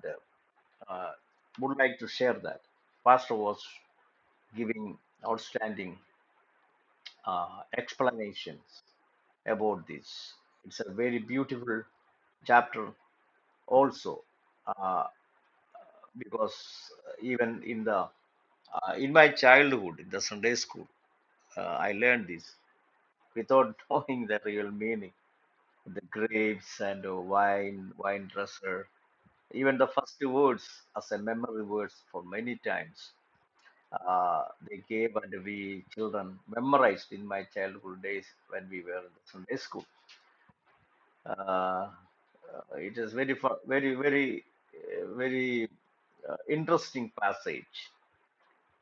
Speaker 2: uh, uh, would like to share that. Pastor was giving outstanding uh, explanations about this. It's a very beautiful chapter also uh, because even in the uh, in my childhood in the Sunday school uh, I learned this without knowing the real meaning. The grapes and uh, wine, wine dresser, even the first words as a memory words for many times. Uh, they gave and we children memorized in my childhood days when we were in the Sunday school Uh, uh, it is very, fa- very, very, uh, very uh, interesting passage,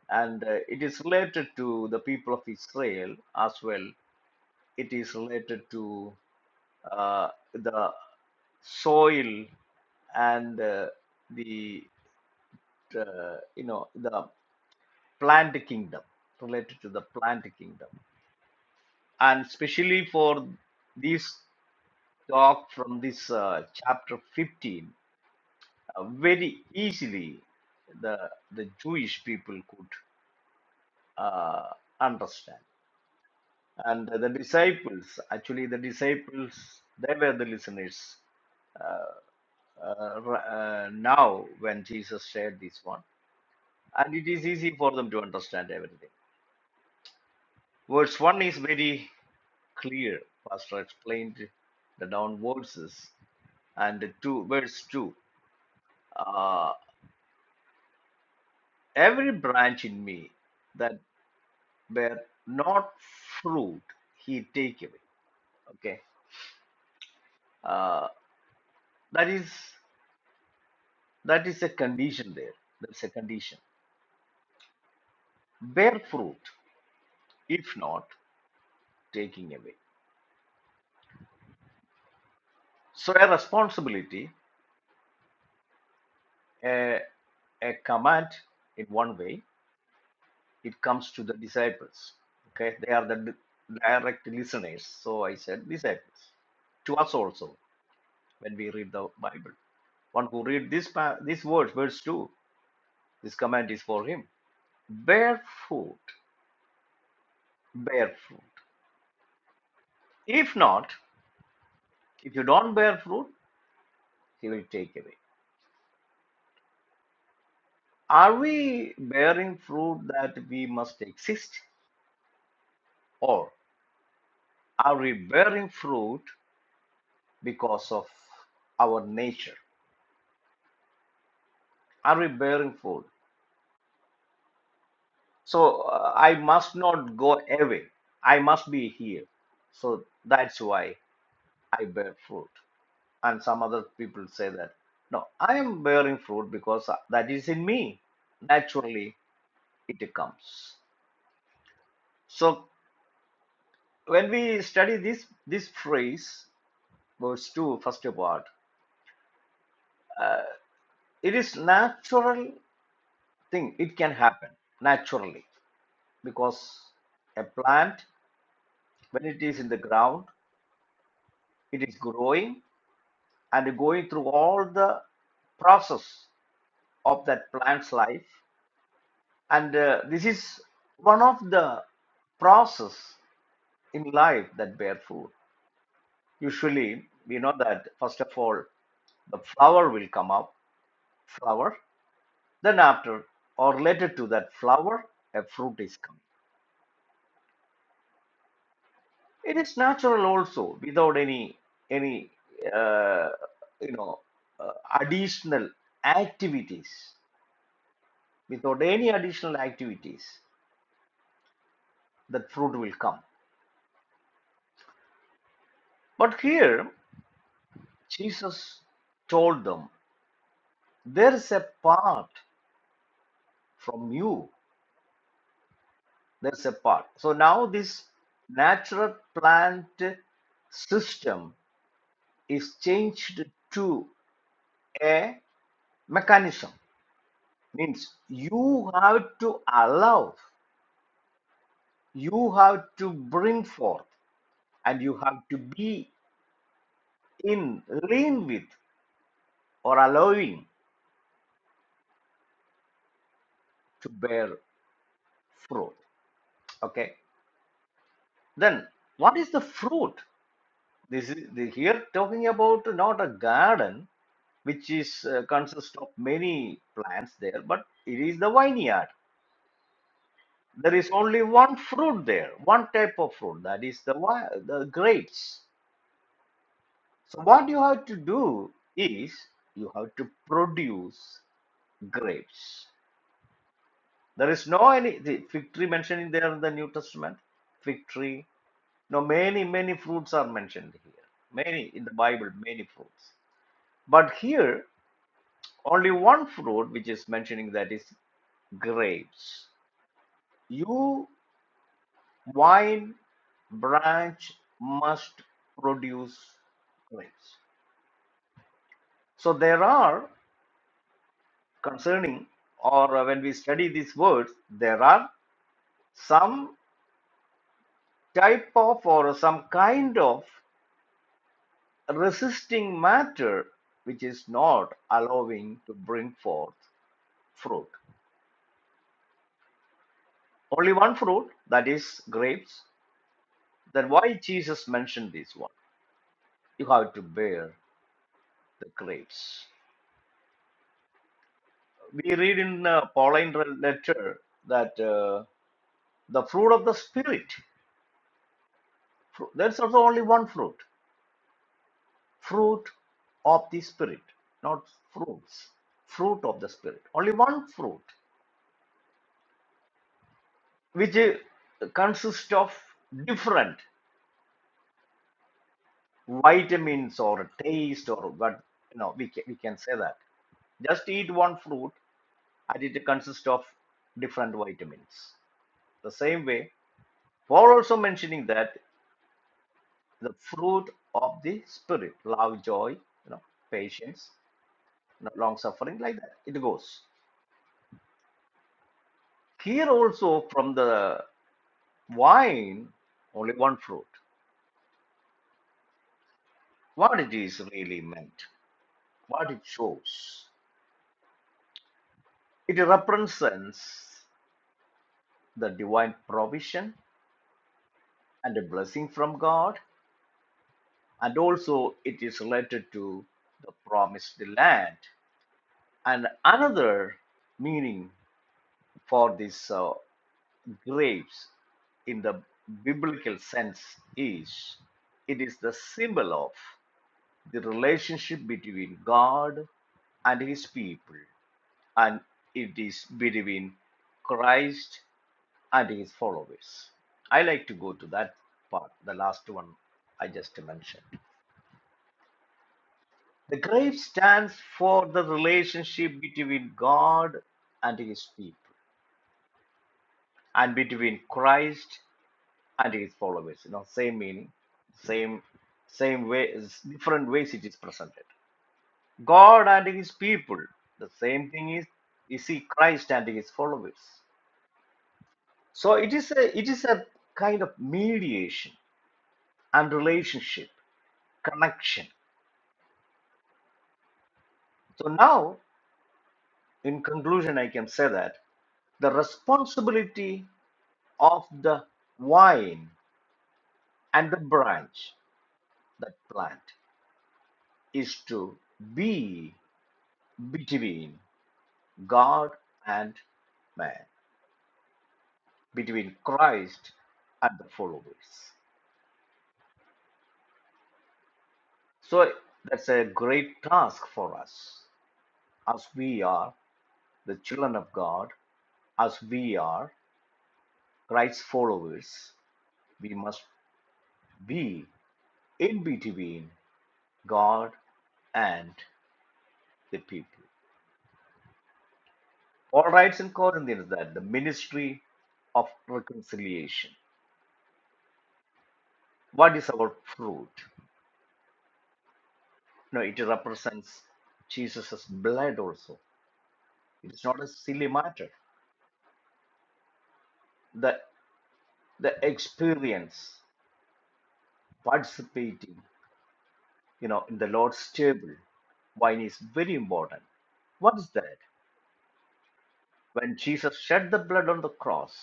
Speaker 2: and uh, it is related to the people of Israel as well. It is related to uh, the soil and uh, the uh, you know the plant kingdom related to the plant kingdom and especially for this talk from this uh, chapter 15 uh, very easily the the Jewish people could uh, understand. And the disciples, actually, the disciples, they were the listeners. Uh, uh, r- uh, now, when Jesus shared this one, and it is easy for them to understand everything. Verse one is very clear. Pastor explained the down verses and the two verse two. Uh, every branch in me that were not fruit he take away okay uh, that is that is a condition there there's a condition bear fruit if not taking away so a responsibility a, a command in one way it comes to the disciples okay they are the direct listeners so i said disciples to us also when we read the bible one who read this this words verse 2 this command is for him Barefoot, bear fruit. If not, if you don't bear fruit, he will take away. Are we bearing fruit that we must exist, or are we bearing fruit because of our nature? Are we bearing fruit? So uh, I must not go away. I must be here. So that's why I bear fruit. And some other people say that no, I am bearing fruit because uh, that is in me naturally it comes. So when we study this this phrase, verse two, first part, it is natural thing. It can happen naturally because a plant, when it is in the ground, it is growing and going through all the process of that plant's life, and uh, this is one of the process in life that bear fruit. Usually, we know that first of all, the flower will come up flower. Then, after or related to that flower, a fruit is coming. It is natural also, without any any uh, you know uh, additional activities. Without any additional activities, that fruit will come. But here, Jesus told them, "There is a part from you. There is a part." So now this natural plant system is changed to. a mechanism means you have to allow you have to bring forth and you have to be in lean with or allowing to bear fruit okay then what is the fruit this is the, here talking about not a garden which is uh, consists of many plants there but it is the vineyard there is only one fruit there one type of fruit that is the, the grapes So what you have to do is you have to produce grapes. There is no any the fig tree mentioning there in the New Testament. Fig tree. No, many, many fruits are mentioned here. Many in the Bible, many fruits. But here, only one fruit which is mentioning that is grapes. You wine branch must produce grapes. So there are concerning or uh, when we study these words there are some type of or some kind of resisting matter which is not allowing to bring forth fruit only one fruit that is grapes then why jesus mentioned this one you have to bear the grapes we read in uh, pauline letter that uh, the fruit of the spirit fru- there's also only one fruit fruit of the spirit not fruits fruit of the spirit only one fruit which uh, consists of different vitamins or taste or what you know we can, we can say that just eat one fruit and it consists of different vitamins the same way paul also mentioning that the fruit of the spirit love joy you know patience long suffering like that it goes here also from the Wine, only one fruit. What it is really meant, what it shows. It represents the divine provision and a blessing from God, and also it is related to the promised land. And another meaning for these uh, grapes in the biblical sense is it is the symbol of the relationship between God and his people and it is between Christ and his followers. I like to go to that part, the last one I just mentioned. The grave stands for the relationship between God and his people and between Christ and his followers. You know, same meaning, same same way, different ways it is presented. God and his people, the same thing is you see Christ and his followers. So it is a it is a kind of mediation and relationship connection. So now, in conclusion, I can say that the responsibility of the vine and the branch, that plant, is to be between God and man, between Christ and the followers. So that's a great task for us as we are the children of God As we are Christ's followers, we must be in between God and the people. Paul writes in Corinthians that the ministry of reconciliation. What is our fruit? No, it represents Jesus' blood also. It is not a silly matter. The the experience participating, you know, in the Lord's table, wine is very important. What is that? When Jesus shed the blood on the cross,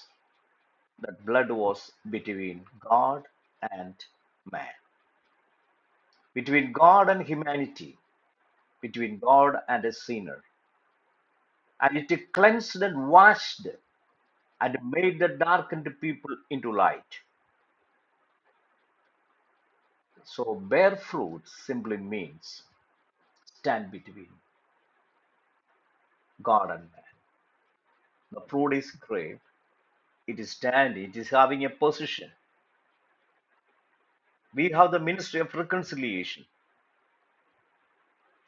Speaker 2: that blood was between God and man, between God and humanity, between God and a sinner. And it cleansed and washed and made the darkened people into light. So, bear fruit simply means stand between God and man. The fruit is great, it is standing, it is having a position. We have the ministry of reconciliation.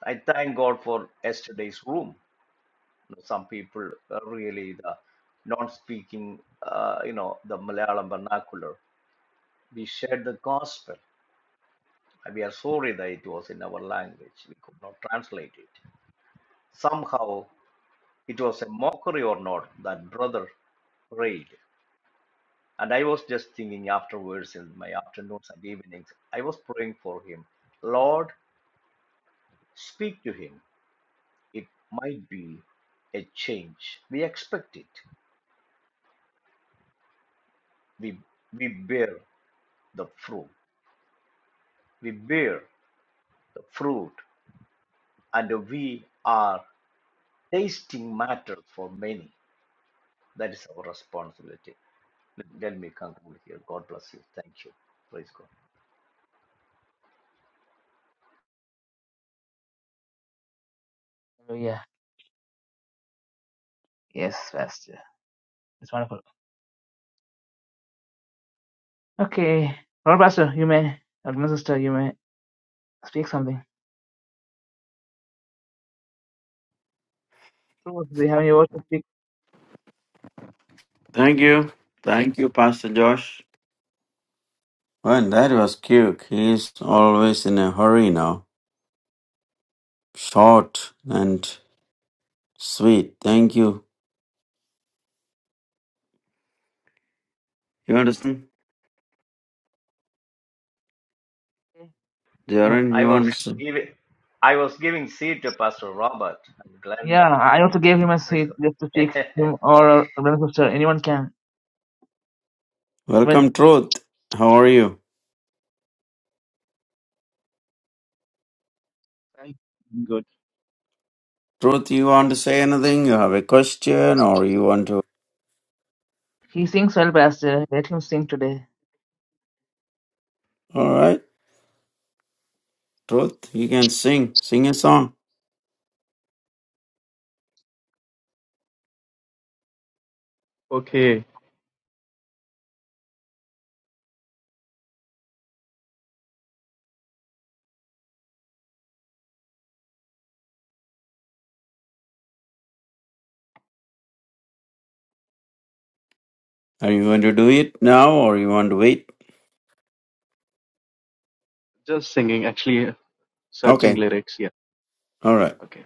Speaker 2: I thank God for yesterday's room. some people are really the non-speaking, uh, you know, the Malayalam vernacular. We shared the gospel. We are sorry that it was in our language. We could not translate it. Somehow, it was a mockery or not that brother prayed. And I was just thinking afterwards in my afternoons and evenings, I was praying for him. Lord, speak to him. It might be a change. We expect it. We we bear the fruit. We bear the fruit and we are tasting matter for many. That is our responsibility. Let me conclude here. God bless you. Thank you. Praise God.
Speaker 1: Hallelujah. Yes, Pastor. It's wonderful. Okay. Lord Pastor, you may, Elder Sister, you may speak something. So, do you have any words to speak?
Speaker 3: Thank you. Thank you, Pastor Josh. Well, that was quick. He is always in a hurry now. Short and sweet. Thank you. You understand?
Speaker 1: Uh,
Speaker 3: Jaren,
Speaker 2: I
Speaker 3: you
Speaker 2: was
Speaker 3: understand?
Speaker 2: giving I was giving seed to Pastor Robert and
Speaker 1: Yeah,
Speaker 2: Glenda.
Speaker 1: I also gave him a
Speaker 2: Praise
Speaker 1: seat just to teach
Speaker 2: God.
Speaker 1: him or our brother sister. Anyone can. When
Speaker 3: Welcome, Truth. How are you?
Speaker 4: Thank good.
Speaker 3: Truth, you want to say anything? You have a question or you want to.
Speaker 1: he sings well, Pastor, let him sing today.
Speaker 3: All right. Truth, you can sing. Sing a song.
Speaker 4: Okay,
Speaker 3: Are you going to do it now or you want to wait?
Speaker 4: just singing, actually, uh, searching
Speaker 3: Okay.
Speaker 4: lyrics. Yeah,
Speaker 3: All right.
Speaker 4: okay.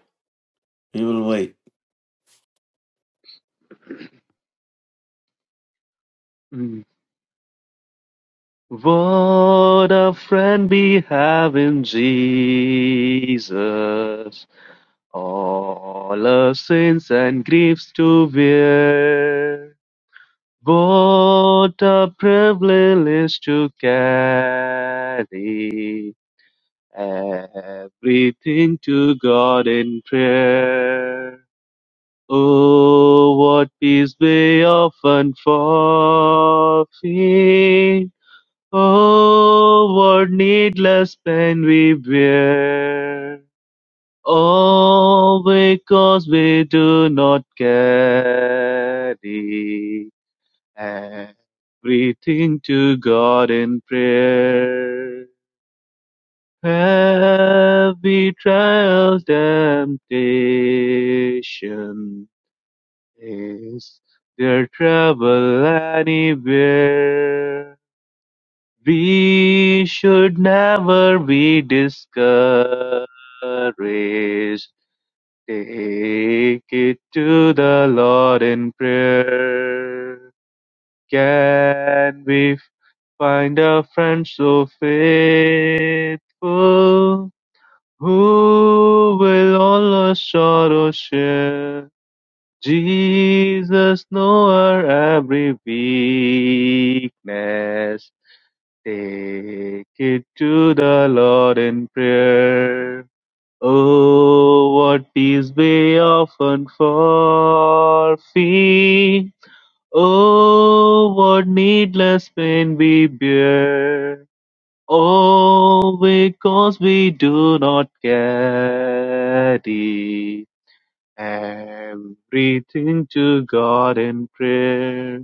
Speaker 3: We will wait.
Speaker 4: Mm. What a friend we have in Jesus, all our sins and griefs to bear. What a privilege to carry everything to God in prayer. Oh, what peace we often forfeit. Oh, what needless pain we bear. All because we do not carry everything to God in prayer. Heavy trials, temptation Is there trouble anywhere? We should never be discouraged. Take it to the Lord in prayer. Can we find a friend so faithful who will all our sorrows share? Jesus know our every weakness. Take it to the Lord in prayer. Oh, what peace we often forfeit. Oh, what needless pain we bear. Oh, because we do not carry Everything to God in prayer.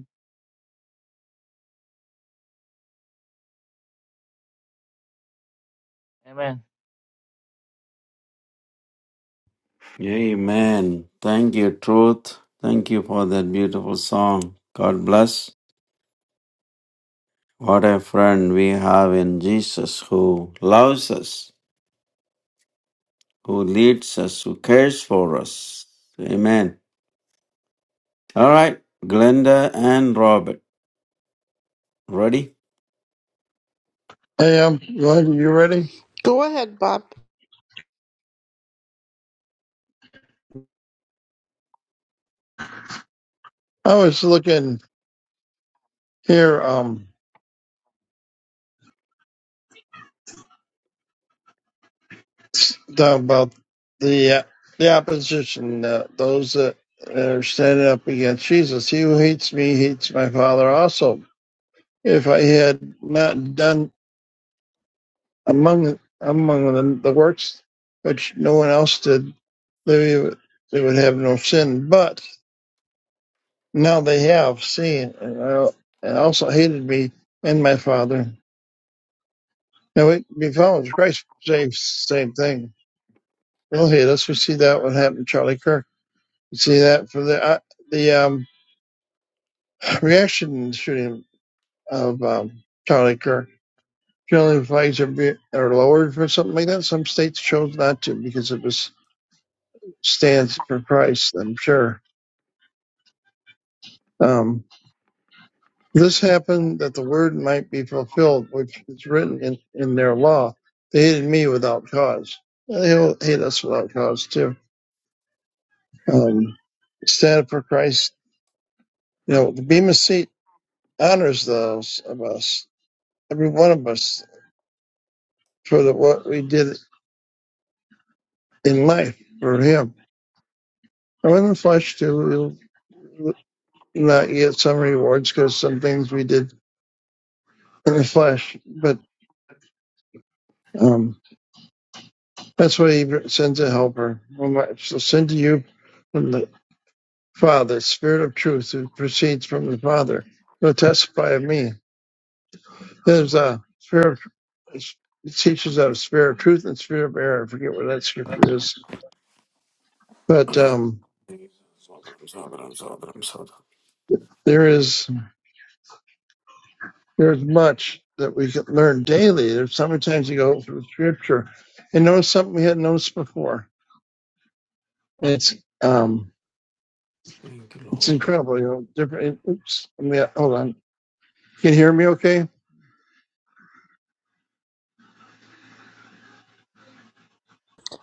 Speaker 1: Amen.
Speaker 3: Amen. Thank you, Truth. Thank you for that beautiful song. God bless. What a friend we have in Jesus who loves us, who leads us, who cares for us. Amen. All right, Glenda and Robert. Ready?
Speaker 5: Hey, um, you ready? You ready?
Speaker 6: Go ahead, Bob.
Speaker 5: I was looking here, um, down about the uh, the opposition, uh, those that are standing up against Jesus. He who hates me hates my Father also. If I had not done among among the, the works which no one else did, they would, they would have no sin. But now they have seen, and, I, and also hated me and my Father. Now we can be followed. Christ same same thing. Well, will hit us. We see that what happened to Charlie Kirk. We see that for the uh, the um, reaction shooting of um, Charlie Kirk. Generally, flags are be, are lowered for something like that. Some states chose not to because it was stands for Christ. I'm sure. Um, this happened that the word might be fulfilled, which is written in, in their law. They hated me without cause. They'll hate us without cause too. Um, stand up for Christ You know, the Bema seat honors those of us, every one of us, for the, what we did in life for Him. Now, in the flesh, too, we'll not get some rewards because some things we did in the flesh, but um, that's why He sends a helper. Well, So send to you from the Father, Spirit of Truth, who proceeds from the Father, will testify of me. There's a spirit. Of, it teaches out of spirit of truth and spirit of error. I forget what that scripture is, but.
Speaker 3: Thank
Speaker 5: um There is there is much that we can learn daily. There's so many times you go through scripture and notice something we hadn't noticed before. it's um
Speaker 3: you,
Speaker 5: it's
Speaker 3: Lord.
Speaker 5: incredible, you know, different oops, let me hold on. Can you hear me okay?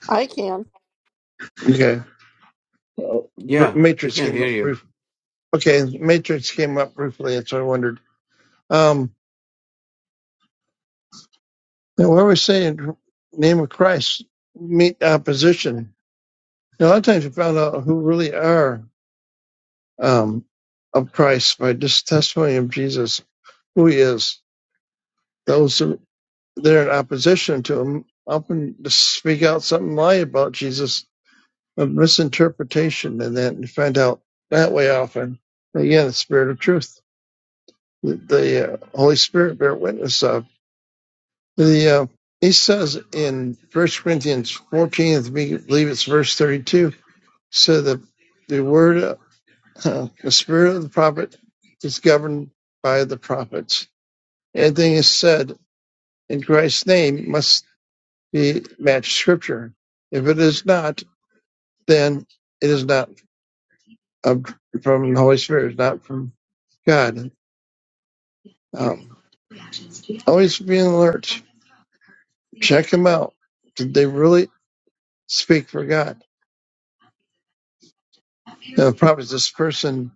Speaker 6: I can.
Speaker 5: Okay. Uh,
Speaker 3: Yeah, we
Speaker 5: Matrix
Speaker 3: can
Speaker 5: came
Speaker 3: hear
Speaker 5: up
Speaker 3: you.
Speaker 5: briefly. Okay, Matrix came up briefly, That's so I wondered. Um, now what we're saying, in the name of Christ, meet opposition. Now, a lot of times we found out who really are um, of Christ by just testimony of Jesus who he is. Those who they're in opposition to him often speak out something lie about Jesus, a misinterpretation, and then you find out that way often. Again, the spirit of truth, the, the uh, Holy Spirit bear witness of the. Uh, he says in First Corinthians 14, I believe it's verse 32, so that the word, uh, the spirit of the prophet is governed by the prophets. Anything is said in Christ's name must be match scripture. If it is not, then it is not from the Holy Spirit. It's not from God. Um, always be alert. Check them out. Did they really speak for God? Now, the problem this person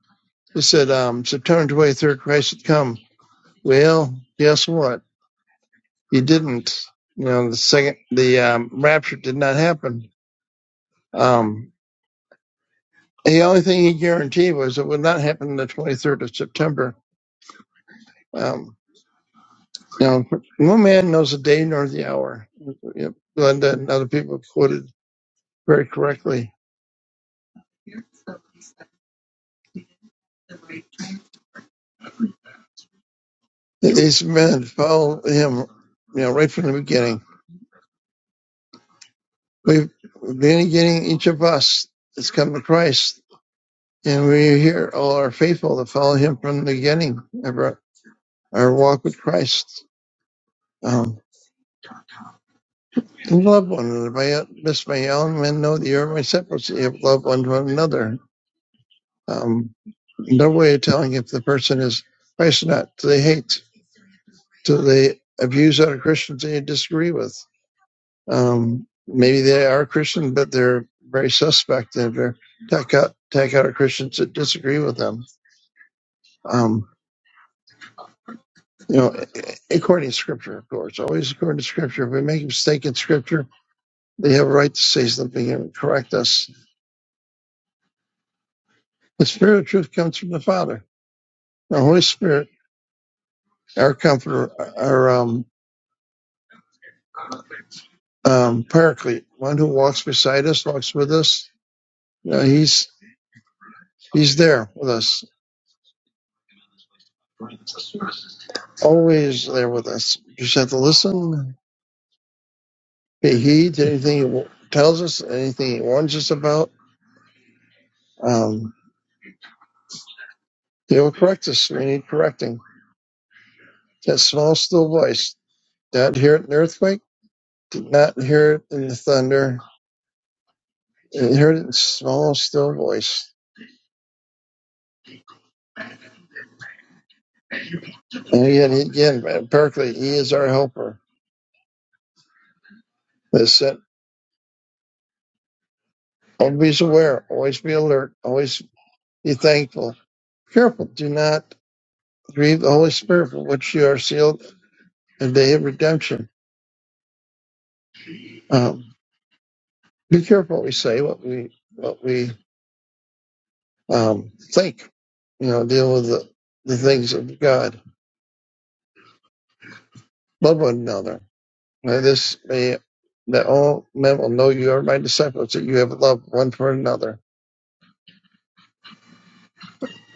Speaker 5: who said, um, September 23rd, Christ had come. Well, guess what? He didn't. You know, the second, the um, rapture did not happen. Um, the only thing he guaranteed was it would not happen on the 23rd of September. Um, Now, no man knows the day nor the hour. Yep. Glenda and other people quoted very correctly. These men follow him, you know, right from the beginning. We've been beginning, each of us has come to Christ, and we here all are faithful to follow him from the beginning of our, our walk with Christ. Um, and love one another. By this may all men know that you are my separates. You have love one to another. Um, no way of telling if the person is Christ or not. Do they hate? to the views on Christians they disagree with. Um, maybe they are Christian, but they're very suspect. They they take out take out Christians that disagree with them. Um, you know, according to Scripture, of course, always according to Scripture. If we make a mistake in Scripture, they have a right to say something and correct us. The Spirit of Truth comes from the Father, the Holy Spirit, our Comforter, our um, um, Paraclete, one who walks beside us, walks with us. You know, he's he's there with us always there with us. You just have to listen, pay heed to anything he w- tells us, anything he warns us about. Um, he will correct us. We need correcting. That small, still voice. Did not hear it in the earthquake. Did not hear it in the thunder. Did hear it in the small, still voice. And again, again, Berkeley, he is our helper. That's it. Always aware. Always be alert. Always be thankful. Careful. Do not grieve the Holy Spirit for which you are sealed and day of redemption. Um, be careful what we say, what we what we um, think. You know, deal with the, the things of God. Love one another. Now this may that all men will know you are my disciples, that you have loved one for another.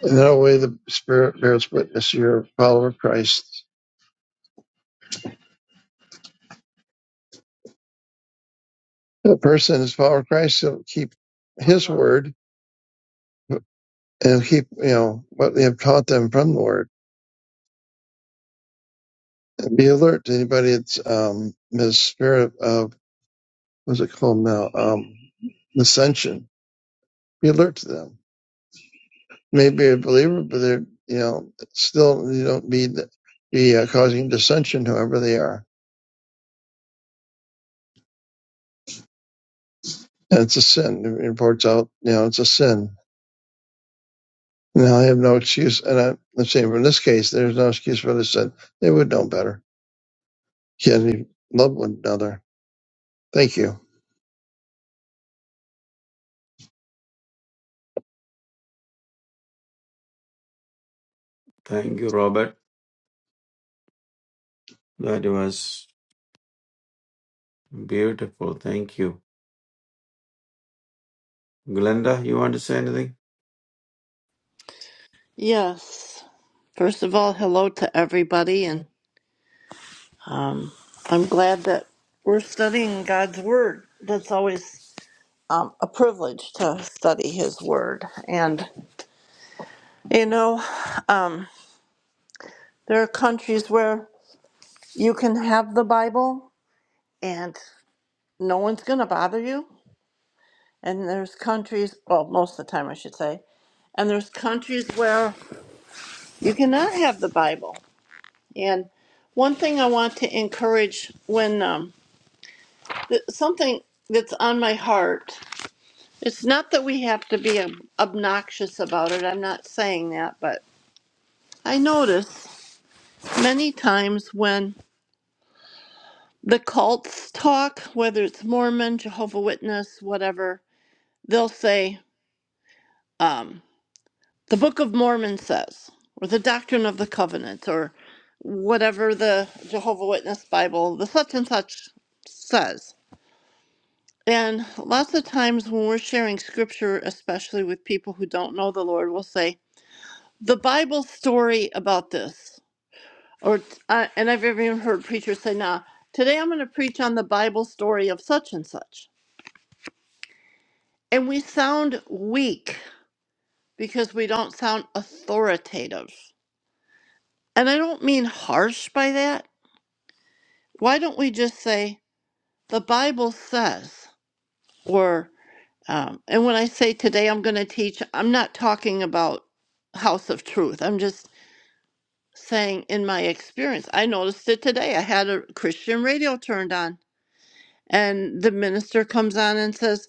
Speaker 5: In that way, the Spirit bears witness you're a follower of Christ. The person is a follower of Christ, he'll keep his word and keep you know what we have taught them from the word. And be alert to anybody that's um, his spirit of what's it called now? Um, ascension. Be alert to them. Maybe a believer, but they're you know still you don't be be uh, causing dissension, whoever they are, and it's a sin. It reports out, you know, it's a sin. Now I have no excuse, and I, I'm saying in this case, there's no excuse for the sin. They would know better. Can you love one another? Thank you.
Speaker 3: Thank you, Robert. That was beautiful. Thank you. Glenda, you want to say anything?
Speaker 6: Yes. First of all, hello to everybody, and um, I'm glad that we're studying God's Word. That's always um, a privilege to study His Word. And, you know, um, there are countries where you can have the Bible and no one's going to bother you. And there's countries, well, most of the time, I should say, and there's countries where you cannot have the Bible And one thing I want to encourage when um, th- something that's on my heart, it's not that we have to be ob- obnoxious about it. I'm not saying that, but I notice many times when the cults talk, whether it's Mormon, Jehovah Witness, whatever, they'll say, um, the Book of Mormon says, or the Doctrine of the Covenant, or whatever the Jehovah Witness Bible, the such and such says And lots of times when we're sharing scripture, especially with people who don't know the Lord, we'll say, the Bible story about this. Or, uh, and I've even heard preachers say, nah, today I'm going to preach on the Bible story of such and such. And we sound weak because we don't sound authoritative. And I don't mean harsh by that. Why don't we just say, the Bible says, or? Um, and when I say today I'm going to teach, I'm not talking about House of Truth. I'm just saying in my experience, I noticed it today. I had a Christian radio turned on, and the minister comes on and says,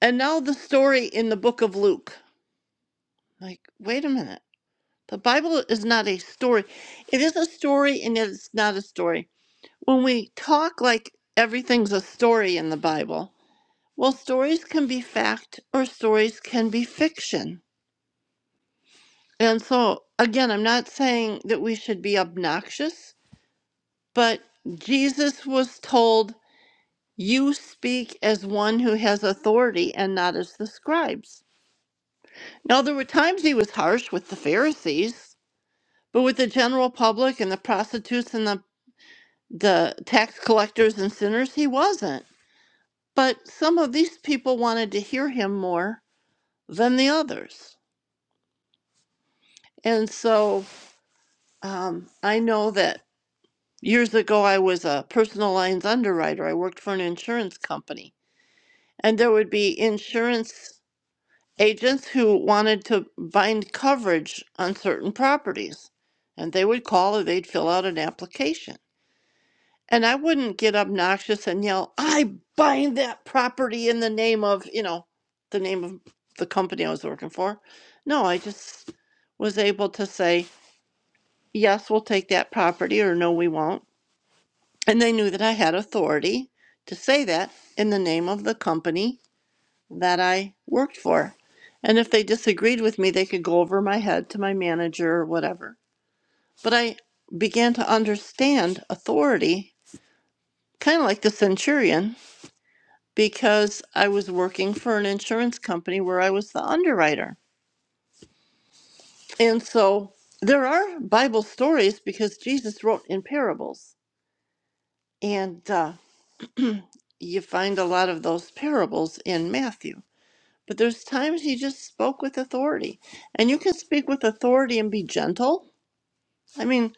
Speaker 6: And now the story in the book of Luke. Like, wait a minute. The Bible is not a story. It is a story and it's not a story. When we talk like everything's a story in the Bible, well, stories can be fact or stories can be fiction. And so, again, I'm not saying that we should be obnoxious, but Jesus was told, You speak as one who has authority and not as the scribes. Now, there were times he was harsh with the Pharisees, but with the general public and the prostitutes and the, the tax collectors and sinners, he wasn't. But some of these people wanted to hear him more than the others. And so um, I know that Years ago, I was a personal lines underwriter. I worked for an insurance company, and there would be insurance agents who wanted to bind coverage on certain properties. And they would call or they'd fill out an application. And I wouldn't get obnoxious and yell, I bind that property in the name of, you know, the name of the company I was working for. No, I just was able to say, yes, we'll take that property, or no, we won't And they knew that I had authority to say that in the name of the company that I worked for. And if they disagreed with me, they could go over my head to my manager or whatever. But I began to understand authority, kind of like the centurion, because I was working for an insurance company where I was the underwriter. And so there are Bible stories because Jesus wrote in parables. And uh, you find a lot of those parables in Matthew. But there's times he just spoke with authority. And you can speak with authority and be gentle. I mean,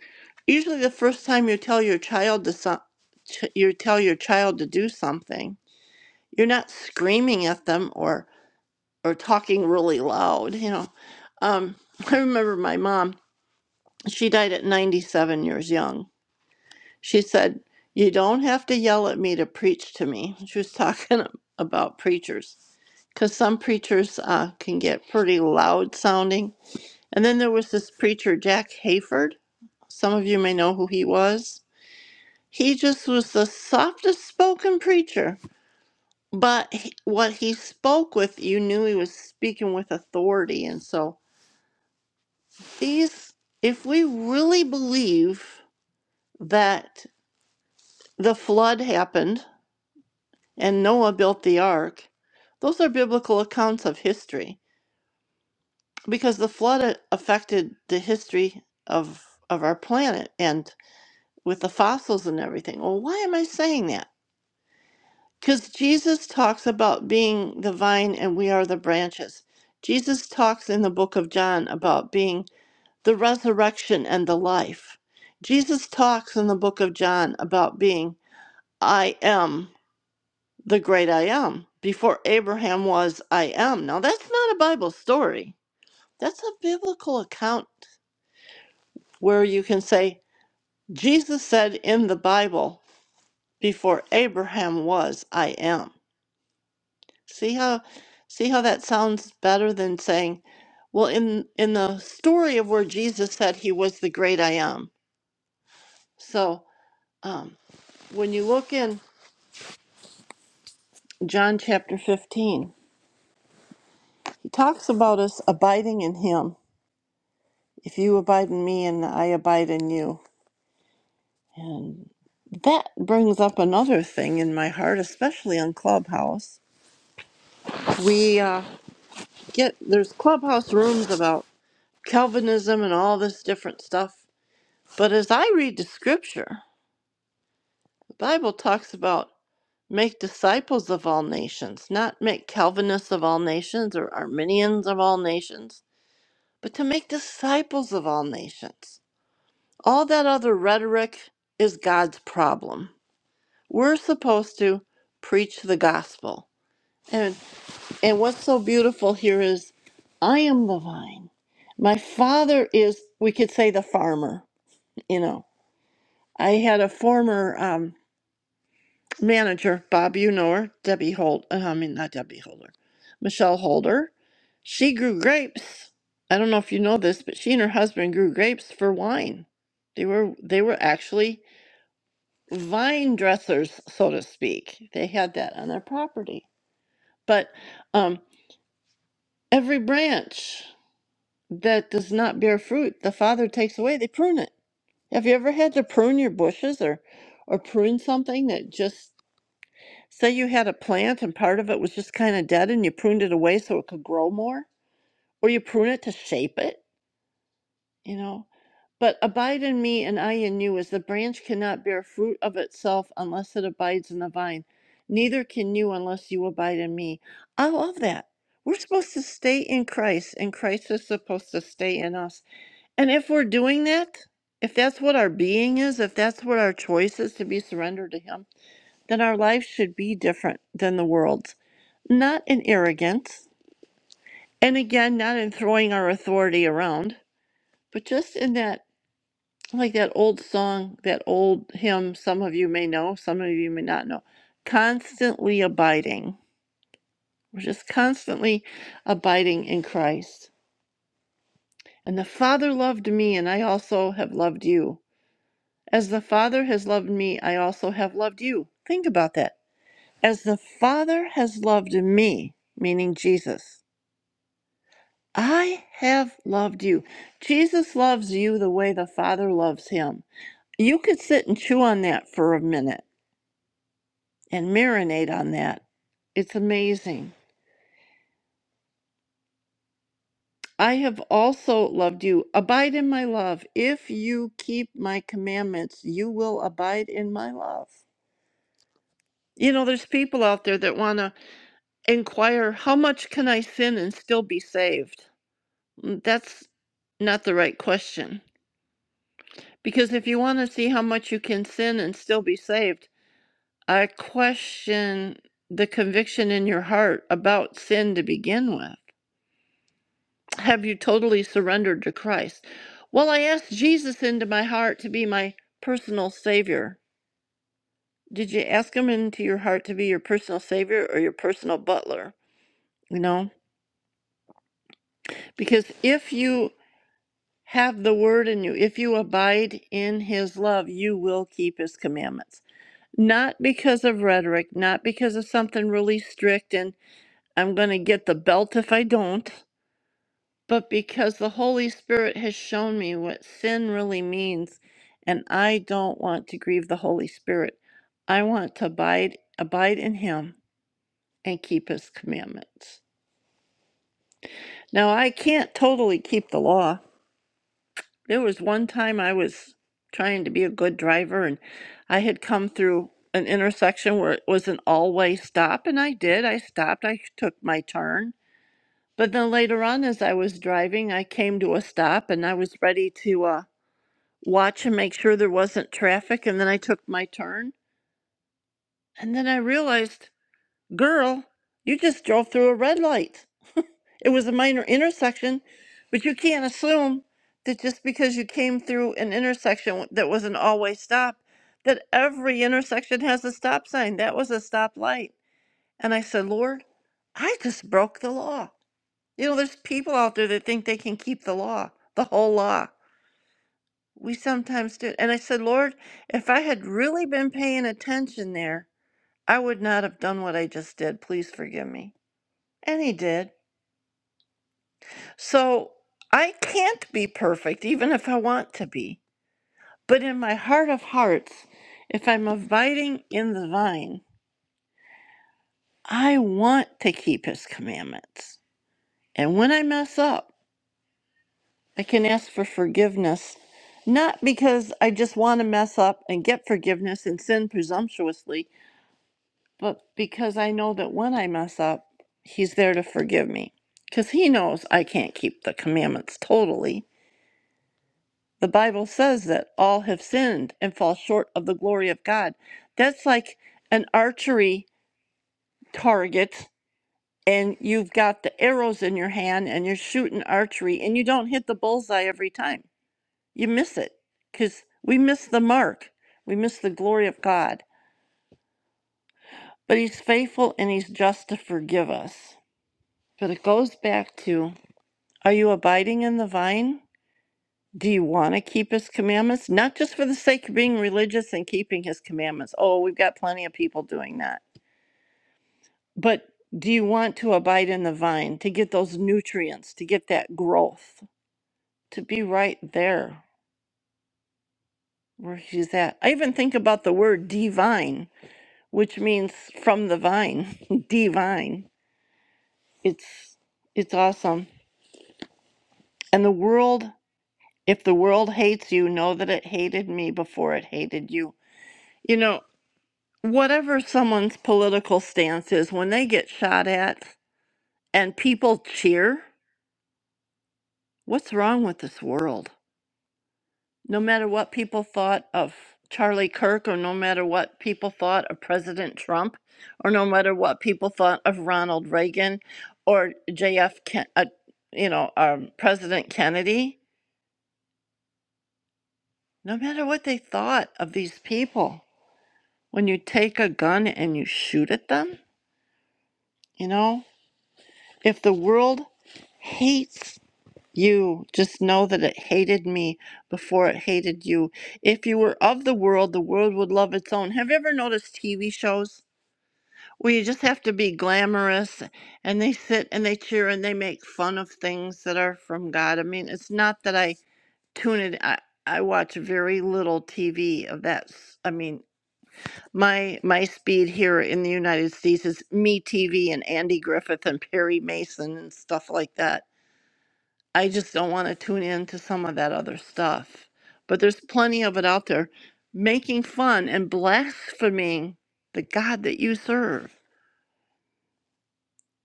Speaker 6: usually the first time you tell your child to so- ch- you tell your child to do something, you're not screaming at them or or talking really loud, you know. Um, I remember my mom, she died at 97 years young. She said, "You don't have to yell at me to preach to me." She was talking about preachers because some preachers uh, can get pretty loud sounding And then there was this preacher, Jack Hayford. Some of you may know who he was. He just was the softest spoken preacher, but he, what he spoke with, you knew he was speaking with authority. And so, these, if we really believe that the flood happened and Noah built the ark, those are biblical accounts of history because the flood a- affected the history of of our planet and. with the fossils and everything. Well, why am I saying that? Because Jesus talks about being the vine and we are the branches. Jesus talks in the book of John about being the resurrection and the life. Jesus talks in the book of John about being, I am the great I am. Before Abraham was, I am. Now, that's not a Bible story, that's a biblical account where you can say, Jesus said in the Bible, before Abraham was, I am. See how see how that sounds better than saying, well, in in the story of where Jesus said he was the great I am. So um, when you look in John chapter 15, he talks about us abiding in him. If you abide in me and I abide in you. And that brings up another thing in my heart, especially on Clubhouse. We uh, get there's Clubhouse rooms about Calvinism and all this different stuff But as I read the scripture, the Bible talks about make disciples of all nations, not make Calvinists of all nations or Arminians of all nations, but to make disciples of all nations. All that other rhetoric is God's problem. We're supposed to preach the gospel. And and what's so beautiful here is I am the vine. My father is we could say the farmer, you know. I had a former um, manager, Bob, you know her, Debbie Holt, uh, I mean, not Debbie Holder, Michelle Holder. She grew grapes. I don't know if you know this, but she and her husband grew grapes for wine. They were they were actually vine dressers, so to speak. They had that on their property. But um, every branch that does not bear fruit, the father takes away. They prune it. Have you ever had to prune your bushes or or prune something that just Say you had a plant and part of it was just kind of dead and you pruned it away so it could grow more, or you prune it to shape it, you know. But abide in me and I in you, as the branch cannot bear fruit of itself unless it abides in the vine, neither can you unless you abide in me. I love that. We're supposed to stay in Christ, and Christ is supposed to stay in us. And if we're doing that, if that's what our being is, if that's what our choice is to be surrendered to Him, then our lives should be different than the world's, not in arrogance, and again, not in throwing our authority around, but just in that, like that old song, that old hymn, some of you may know, some of you may not know, constantly abiding. We're just constantly abiding in Christ. And the Father loved me, and I also have loved you. As the Father has loved me, I also have loved you. Think about that. As the Father has loved me, meaning Jesus, I have loved you. Jesus loves you the way the Father loves him. You could sit and chew on that for a minute and marinate on that. It's amazing. I have also loved you. Abide in my love. If you keep my commandments, you will abide in my love. You know, there's people out there that want to inquire, how much can I sin and still be saved? Mm, That's not the right question. Because if you want to see how much you can sin and still be saved, I question the conviction in your heart about sin to begin with. Have you totally surrendered to Christ? Well, I asked Jesus into my heart to be my personal savior. Did you ask him into your heart to be your personal savior or your personal butler? You know, because if you have the word in you, if you abide in his love, you will keep his commandments. Not because of rhetoric, not because of something really strict and. I'm going to get the belt if I don't. But because the Holy Spirit has shown me what sin really means, and I don't want to grieve the Holy Spirit, I want to abide, abide in Him and keep His commandments. Now, I can't totally keep the law. There was one time I was trying to be a good driver, and I had come through an intersection where it was an all way stop, and I did. I stopped, I took my turn, But then later on, as I was driving, I came to a stop and I was ready to uh, watch and make sure there wasn't traffic. And then I took my turn. And then I realized, girl, you just drove through a red light. It was a minor intersection, but you can't assume that just because you came through an intersection that was an all way stop, that every intersection has a stop sign. That was a stop light. And I said, Lord, I just broke the law. You know, there's people out there that think they can keep the law, the whole law. We sometimes do. And I said, Lord, if I had really been paying attention there, I would not have done what I just did. Please forgive me. And he did. So I can't be perfect, even if I want to be. But in my heart of hearts, if I'm abiding in the vine, I want to keep his commandments. And when I mess up, I can ask for forgiveness, not because I just want to mess up and get forgiveness and sin presumptuously, but because I know that when I mess up, He's there to forgive me. Because He knows I can't keep the commandments totally. The Bible says that all have sinned and fall short of the glory of God. That's like an archery target, and you've got the arrows in your hand and you're shooting archery, and you don't hit the bullseye every time you miss it because we miss the mark. We miss the glory of God. But He's faithful and He's just to forgive us. But it goes back to are you abiding in the vine? Do you want to keep His commandments? Not just for the sake of being religious and keeping His commandments. Oh, we've got plenty of people doing that. But do you want to abide in the vine to get those nutrients, to get that growth, to be right there where He's at? I even think about the word divine which means from the vine, divine. It's it's awesome. And the world, if the world hates you, know that it hated me before it hated you. You know, whatever someone's political stance is, when they get shot at and people cheer, what's wrong with this world? No matter what people thought of Charlie Kirk, or no matter what people thought of President Trump, or no matter what people thought of Ronald Reagan or JF, Ken- uh, you know, um, President Kennedy, no matter what they thought of these people, when you take a gun and you shoot at them, you know, if the world hates you, just know that it hated me before it hated you. If you were of the world, the world would love its own. Have you ever noticed TV shows? We just have to be glamorous and they sit and they cheer and they make fun of things that are from God. I mean, it's not that I tune it I, I watch very little TV of that. s- I mean, my my speed here in the United States is me TV and Andy Griffith and Perry Mason and stuff like that. I just don't want to tune in to some of that other stuff. But there's plenty of it out there making fun and blaspheming the God that you serve.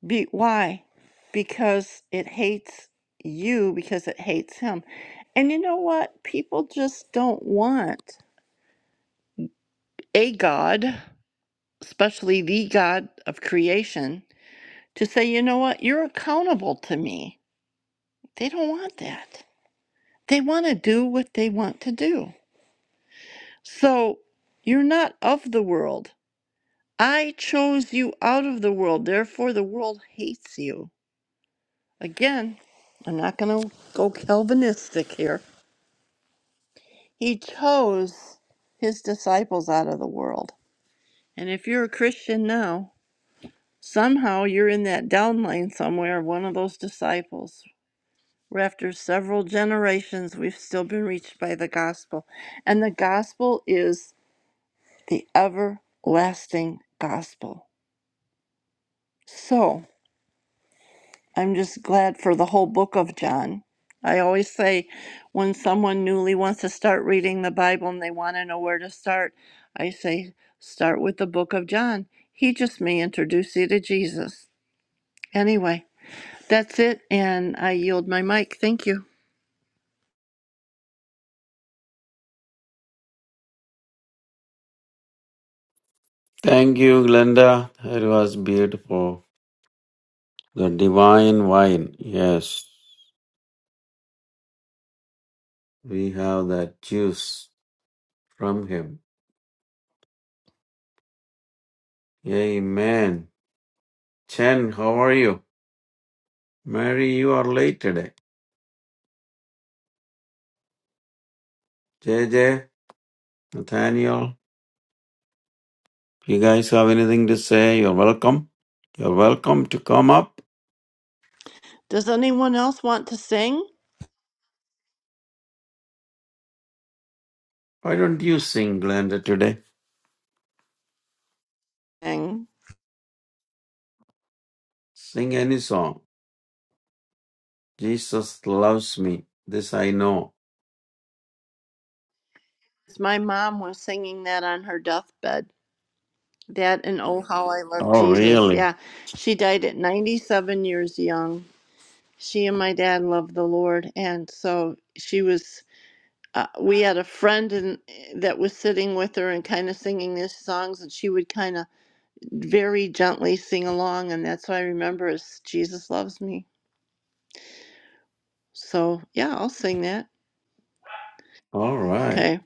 Speaker 6: Be why? Because it hates you because it hates him. And you know what? People just don't want a God, especially the God of creation, to say, you know what, you're accountable to me. They don't want that. They want to do what they want to do. So you're not of the world. I chose you out of the world. Therefore, the world hates you. Again, I'm not going to go Calvinistic here He chose his disciples out of the world. And if you're a Christian now, somehow you're in that down lane somewhere, one of those disciples. Where after several generations, we've still been reached by the gospel. And the gospel is the everlasting gospel. So. I'm just glad for the whole book of John. I always say when someone newly wants to start reading the Bible and they want to know where to start, I say, start with the book of John. He just may introduce you to Jesus. Anyway, that's it, and I yield my mic. Thank you.
Speaker 3: Thank you, Glenda. It was beautiful. The divine wine. Yes, we have that juice from him. Amen. Chen, how are you? Mary, you are late today. JJ, Nathaniel, you guys have anything to say? You're welcome. You're welcome to come up.
Speaker 6: Does anyone else want to sing?
Speaker 3: Why don't you sing, Glenda, today?
Speaker 6: Sing.
Speaker 3: Sing any song. Jesus loves me. This I know.
Speaker 6: My mom was singing that on her deathbed. That and Oh How I Love
Speaker 3: Oh,
Speaker 6: Jesus.
Speaker 3: really?
Speaker 6: Yeah, she died at 97 years young. she and my dad loved the Lord, and so she was. Uh, we had a friend and that was sitting with her and kind of singing these songs, and she would kind of very gently sing along, and that's what I remember is Jesus loves me. So yeah, I'll sing that.
Speaker 3: All right.
Speaker 6: Okay,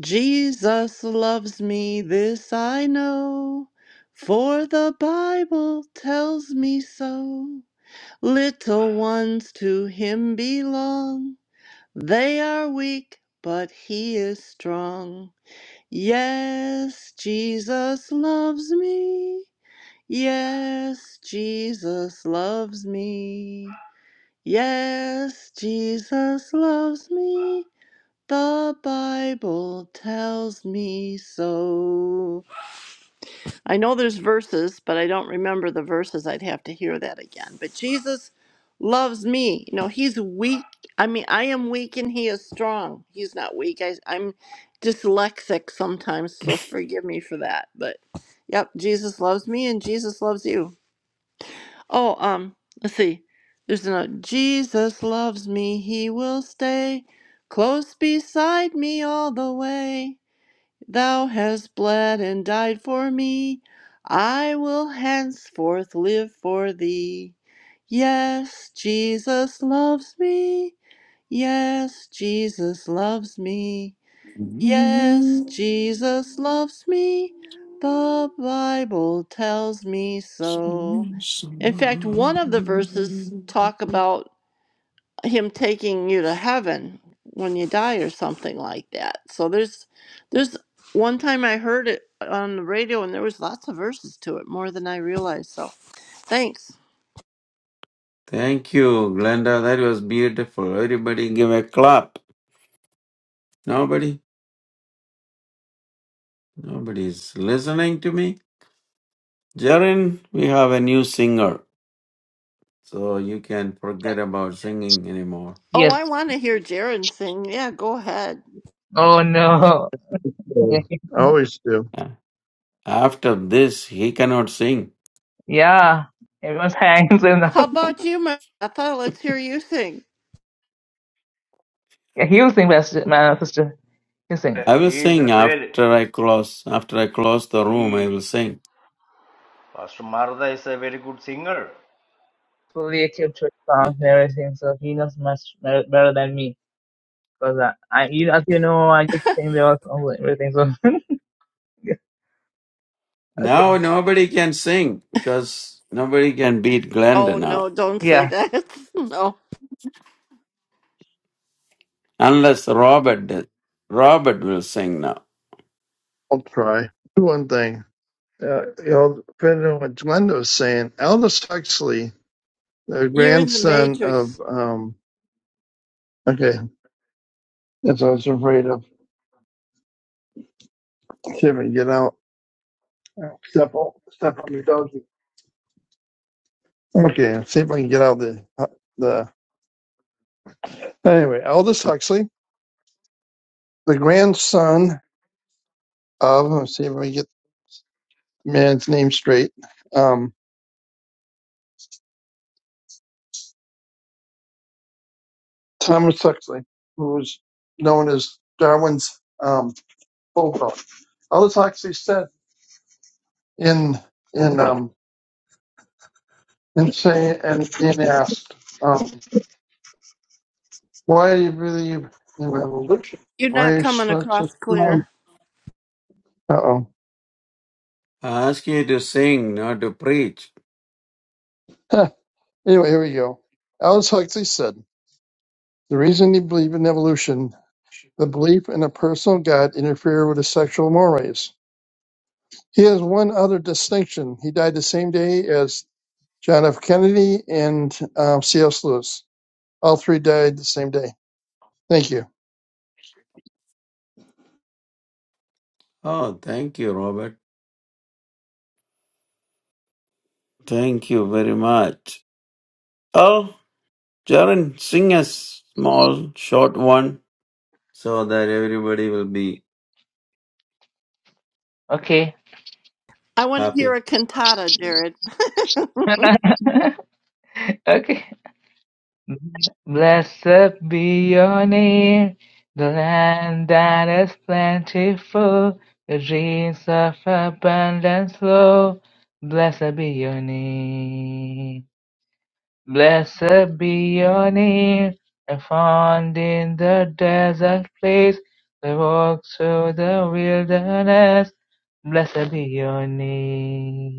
Speaker 6: Jesus loves me, this I know, for the Bible tells me so. Little ones to Him belong. They are weak, but he is strong. Yes, Jesus loves me. Yes, Jesus loves me. Yes, Jesus loves me. The Bible tells me so. I know there's verses, but I don't remember the verses. I'd have to hear that again. But Jesus loves me. You know, he's weak. I mean, I am weak and he is strong. He's not weak. I, I'm dyslexic sometimes, so forgive me for that. But yep, Jesus loves me and Jesus loves you. Oh, um, let's see. There's another. Jesus loves me. He will stay close beside me all the way. Thou hast bled and died for me. I will henceforth live for thee. Yes, Jesus loves me. Yes, Jesus loves me. Yes, Jesus loves me. The Bible tells me
Speaker 3: Thank
Speaker 6: so. In fact, one of the verses talk about him taking you to heaven when you die or something like that. So there's there's one time I heard it on the radio and there was lots of verses to it, more than I realized. So thanks.
Speaker 3: you, Glenda. That was beautiful. Everybody give a clap. Nobody, nobody is listening to me. Jaren, we have a new singer, so you can
Speaker 1: Yeah.
Speaker 3: forget about singing anymore.
Speaker 6: Oh,
Speaker 1: Yes.
Speaker 6: I want to hear Jaron sing. Yeah, go ahead.
Speaker 1: Oh no.
Speaker 5: Well, I always do.
Speaker 3: Yeah. After this, he cannot sing.
Speaker 1: yeah. Everyone's hands and
Speaker 6: How about you, Martha? Let's hear you sing.
Speaker 1: yeah, he'll sing, Pastor, my sister. He'll sing.
Speaker 3: I will
Speaker 2: he is a
Speaker 3: sing
Speaker 2: very
Speaker 3: after I close. After I close the room, I will
Speaker 2: he
Speaker 3: sing.
Speaker 2: Pastor Martha is a very good singer.
Speaker 1: Fully equipped with songs and everything, so he knows much better better than me. Because I, I, you, as you know, I just sing the old songs and everything. So okay.
Speaker 3: now nobody can sing because nobody can beat Glenda
Speaker 6: Oh
Speaker 3: now.
Speaker 6: no, don't say
Speaker 1: Yeah.
Speaker 6: that. no.
Speaker 3: Unless Robert does. Robert will sing now.
Speaker 5: I'll try. Do one thing. Uh, you know, depending on what Glenda was saying, Aldous Huxley the
Speaker 6: You're in the
Speaker 5: grandson of
Speaker 6: matrix.
Speaker 5: um okay that's what i was afraid of Let's see if i can get out step on step on your doggy okay let's see if i can get out the uh, the anyway aldous huxley the grandson of let's see if i can get the man's name straight um thomas huxley who was known as darwin's um bulldog aldous huxley said in in um in saying and in asked um, Why do you believe in evolution?
Speaker 6: You're not
Speaker 5: Why is
Speaker 6: coming
Speaker 5: such a
Speaker 6: across
Speaker 5: strong?
Speaker 6: clear.
Speaker 5: Uh
Speaker 3: I ask you to sing, not to preach.
Speaker 5: oh. anyway, here we go. Alice Huxley said the reason you believe in evolution, the belief in a personal God, interfere with his sexual mores. He has one other distinction. He died the same day as John F. Kennedy and um, C.S. Lewis. All three died the same day. Thank you.
Speaker 3: Oh, thank you, Robert. Thank you very much. Oh, Jaren, sing a small, short one so that everybody will be
Speaker 1: Okay.
Speaker 6: I want to hear
Speaker 3: happy.
Speaker 6: a cantata, Jared.
Speaker 1: okay. Blessed be your name, the land that is plentiful, the dreams of abundance flow. Blessed be your name. Blessed be your name, and found in the desert place, they walk through the wilderness. Blessed be your name.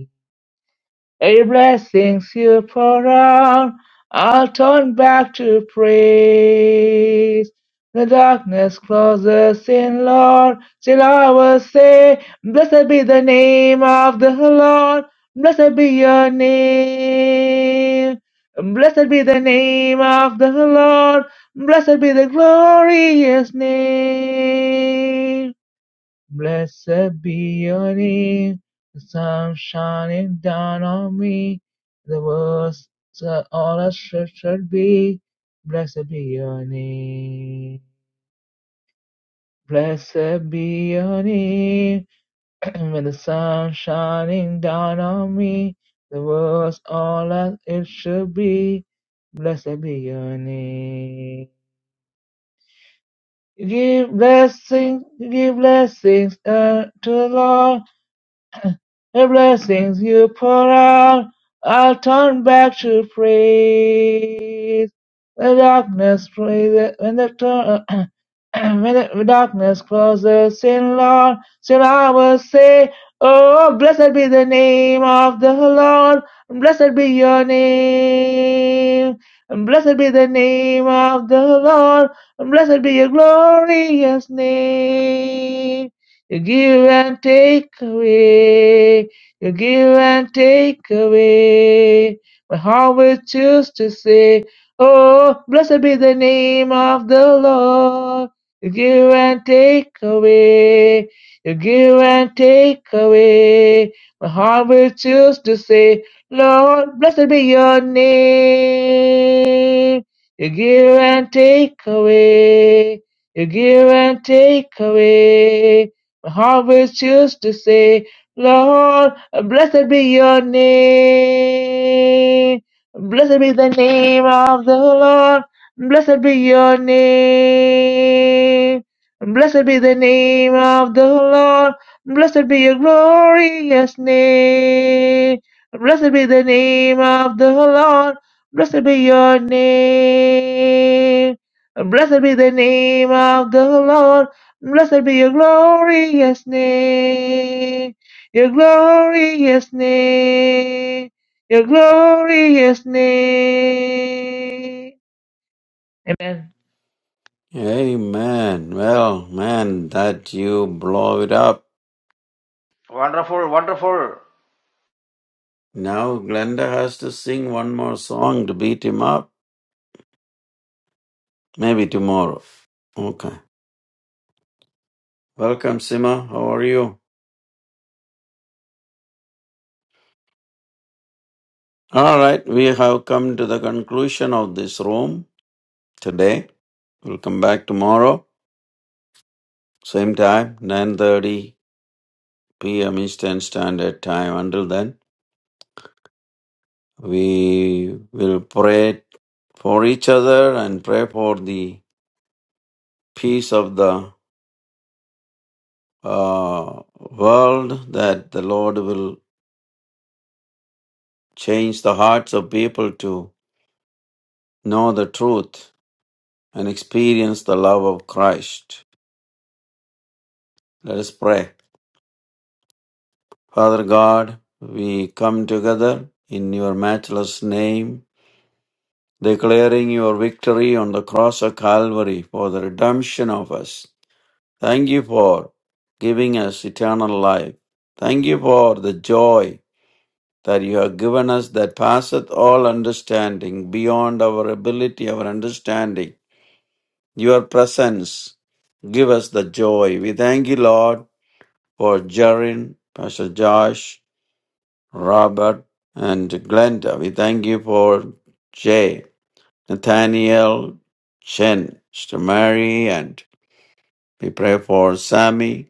Speaker 1: A blessing you pour out, I'll turn back to praise. The darkness closes in, Lord, still I will say, Blessed be the name of the Lord, blessed be your name. Blessed be the name of the Lord, blessed be the glorious name. Blessed be your name, the sun shining down on me. The words that all I should, should be. Blessed be your name. Blessed be your name. when the sun shining down on me, the world's all as it should be. Blessed be your name. Give blessings, give blessings unto the Lord. The blessings you pour out, I'll turn back to praise. The darkness closes, when the, tur- when the darkness closes in, Lord, still I will say, Oh, blessed be the name of the Lord, blessed be your name. And blessed be the name of the Lord, and blessed be your glorious name. You give and take away. You give and take away. My heart will choose to say, Oh, blessed be the name of the Lord. You give and take away. You give and take away. My heart will choose to say, Lord, blessed be your name. You give and take away. You give and take away harvest used to say, Lord, blessed be your name. Blessed be the name of the Lord. Blessed be your name. Blessed be the name of the Lord. Blessed be your glorious name. Blessed be the name of the Lord. Blessed be your name. Blessed be the name of the Lord. Blessed be your glorious name, your glorious name, your glorious name. Amen.
Speaker 3: Amen. Well, man, that you blow it up.
Speaker 2: Wonderful, wonderful.
Speaker 3: Now Glenda has to sing one more song to beat him up. Maybe tomorrow. Okay. Welcome, Sima. How are you? All right, we have come to the conclusion of this room today. We'll come back tomorrow, same time, 9:30 p.m. Eastern Standard Time. Until then, we will pray for each other and pray for the peace of the uh, world that the Lord will change the hearts of people to know the truth and experience the love of Christ. Let us pray. Father God, we come together in your matchless name, declaring your victory on the cross of Calvary for the redemption of us. Thank you for giving us eternal life. Thank you for the joy that you have given us that passeth all understanding, beyond our ability, our understanding. Your presence give us the joy. We thank you, Lord, for Jarin, Pastor Josh, Robert, and Glenda. We thank you for Jay, Nathaniel, Chen, Sister Mary, and we pray for Sammy,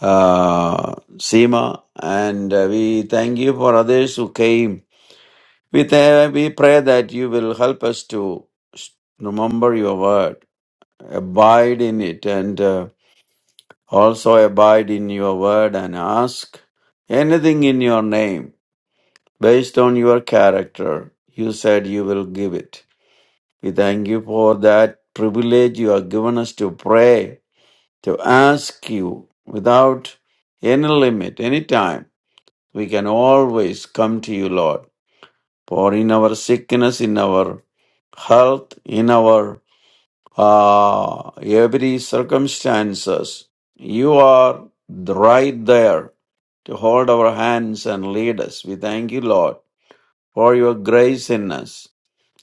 Speaker 3: uh, Seema, and uh, we thank you for others who came. We, th- we pray that you will help us to s- remember your word, abide in it, and uh, also abide in your word and ask anything in your name Based on your character, you said you will give it. We thank you for that privilege you have given us to pray, to ask you without any limit, any time. We can always come to you, Lord. For in our sickness, in our health, in our uh, every circumstances, you are right there to hold our hands and lead us. We thank you, Lord, for your grace in us.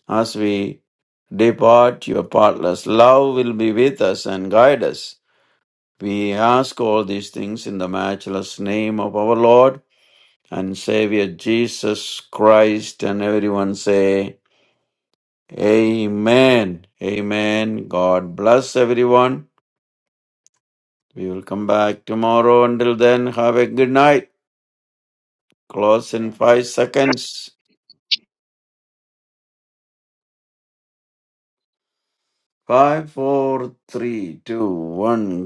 Speaker 3: As we depart, your partless love will be with us and guide us. We ask all these things in the matchless name of our Lord and Savior Jesus Christ, and everyone say, Amen. Amen. God bless everyone. We will come back tomorrow. Until then, have a good night. Close in
Speaker 1: Amen.
Speaker 3: five seconds. Five, four, three, two, one.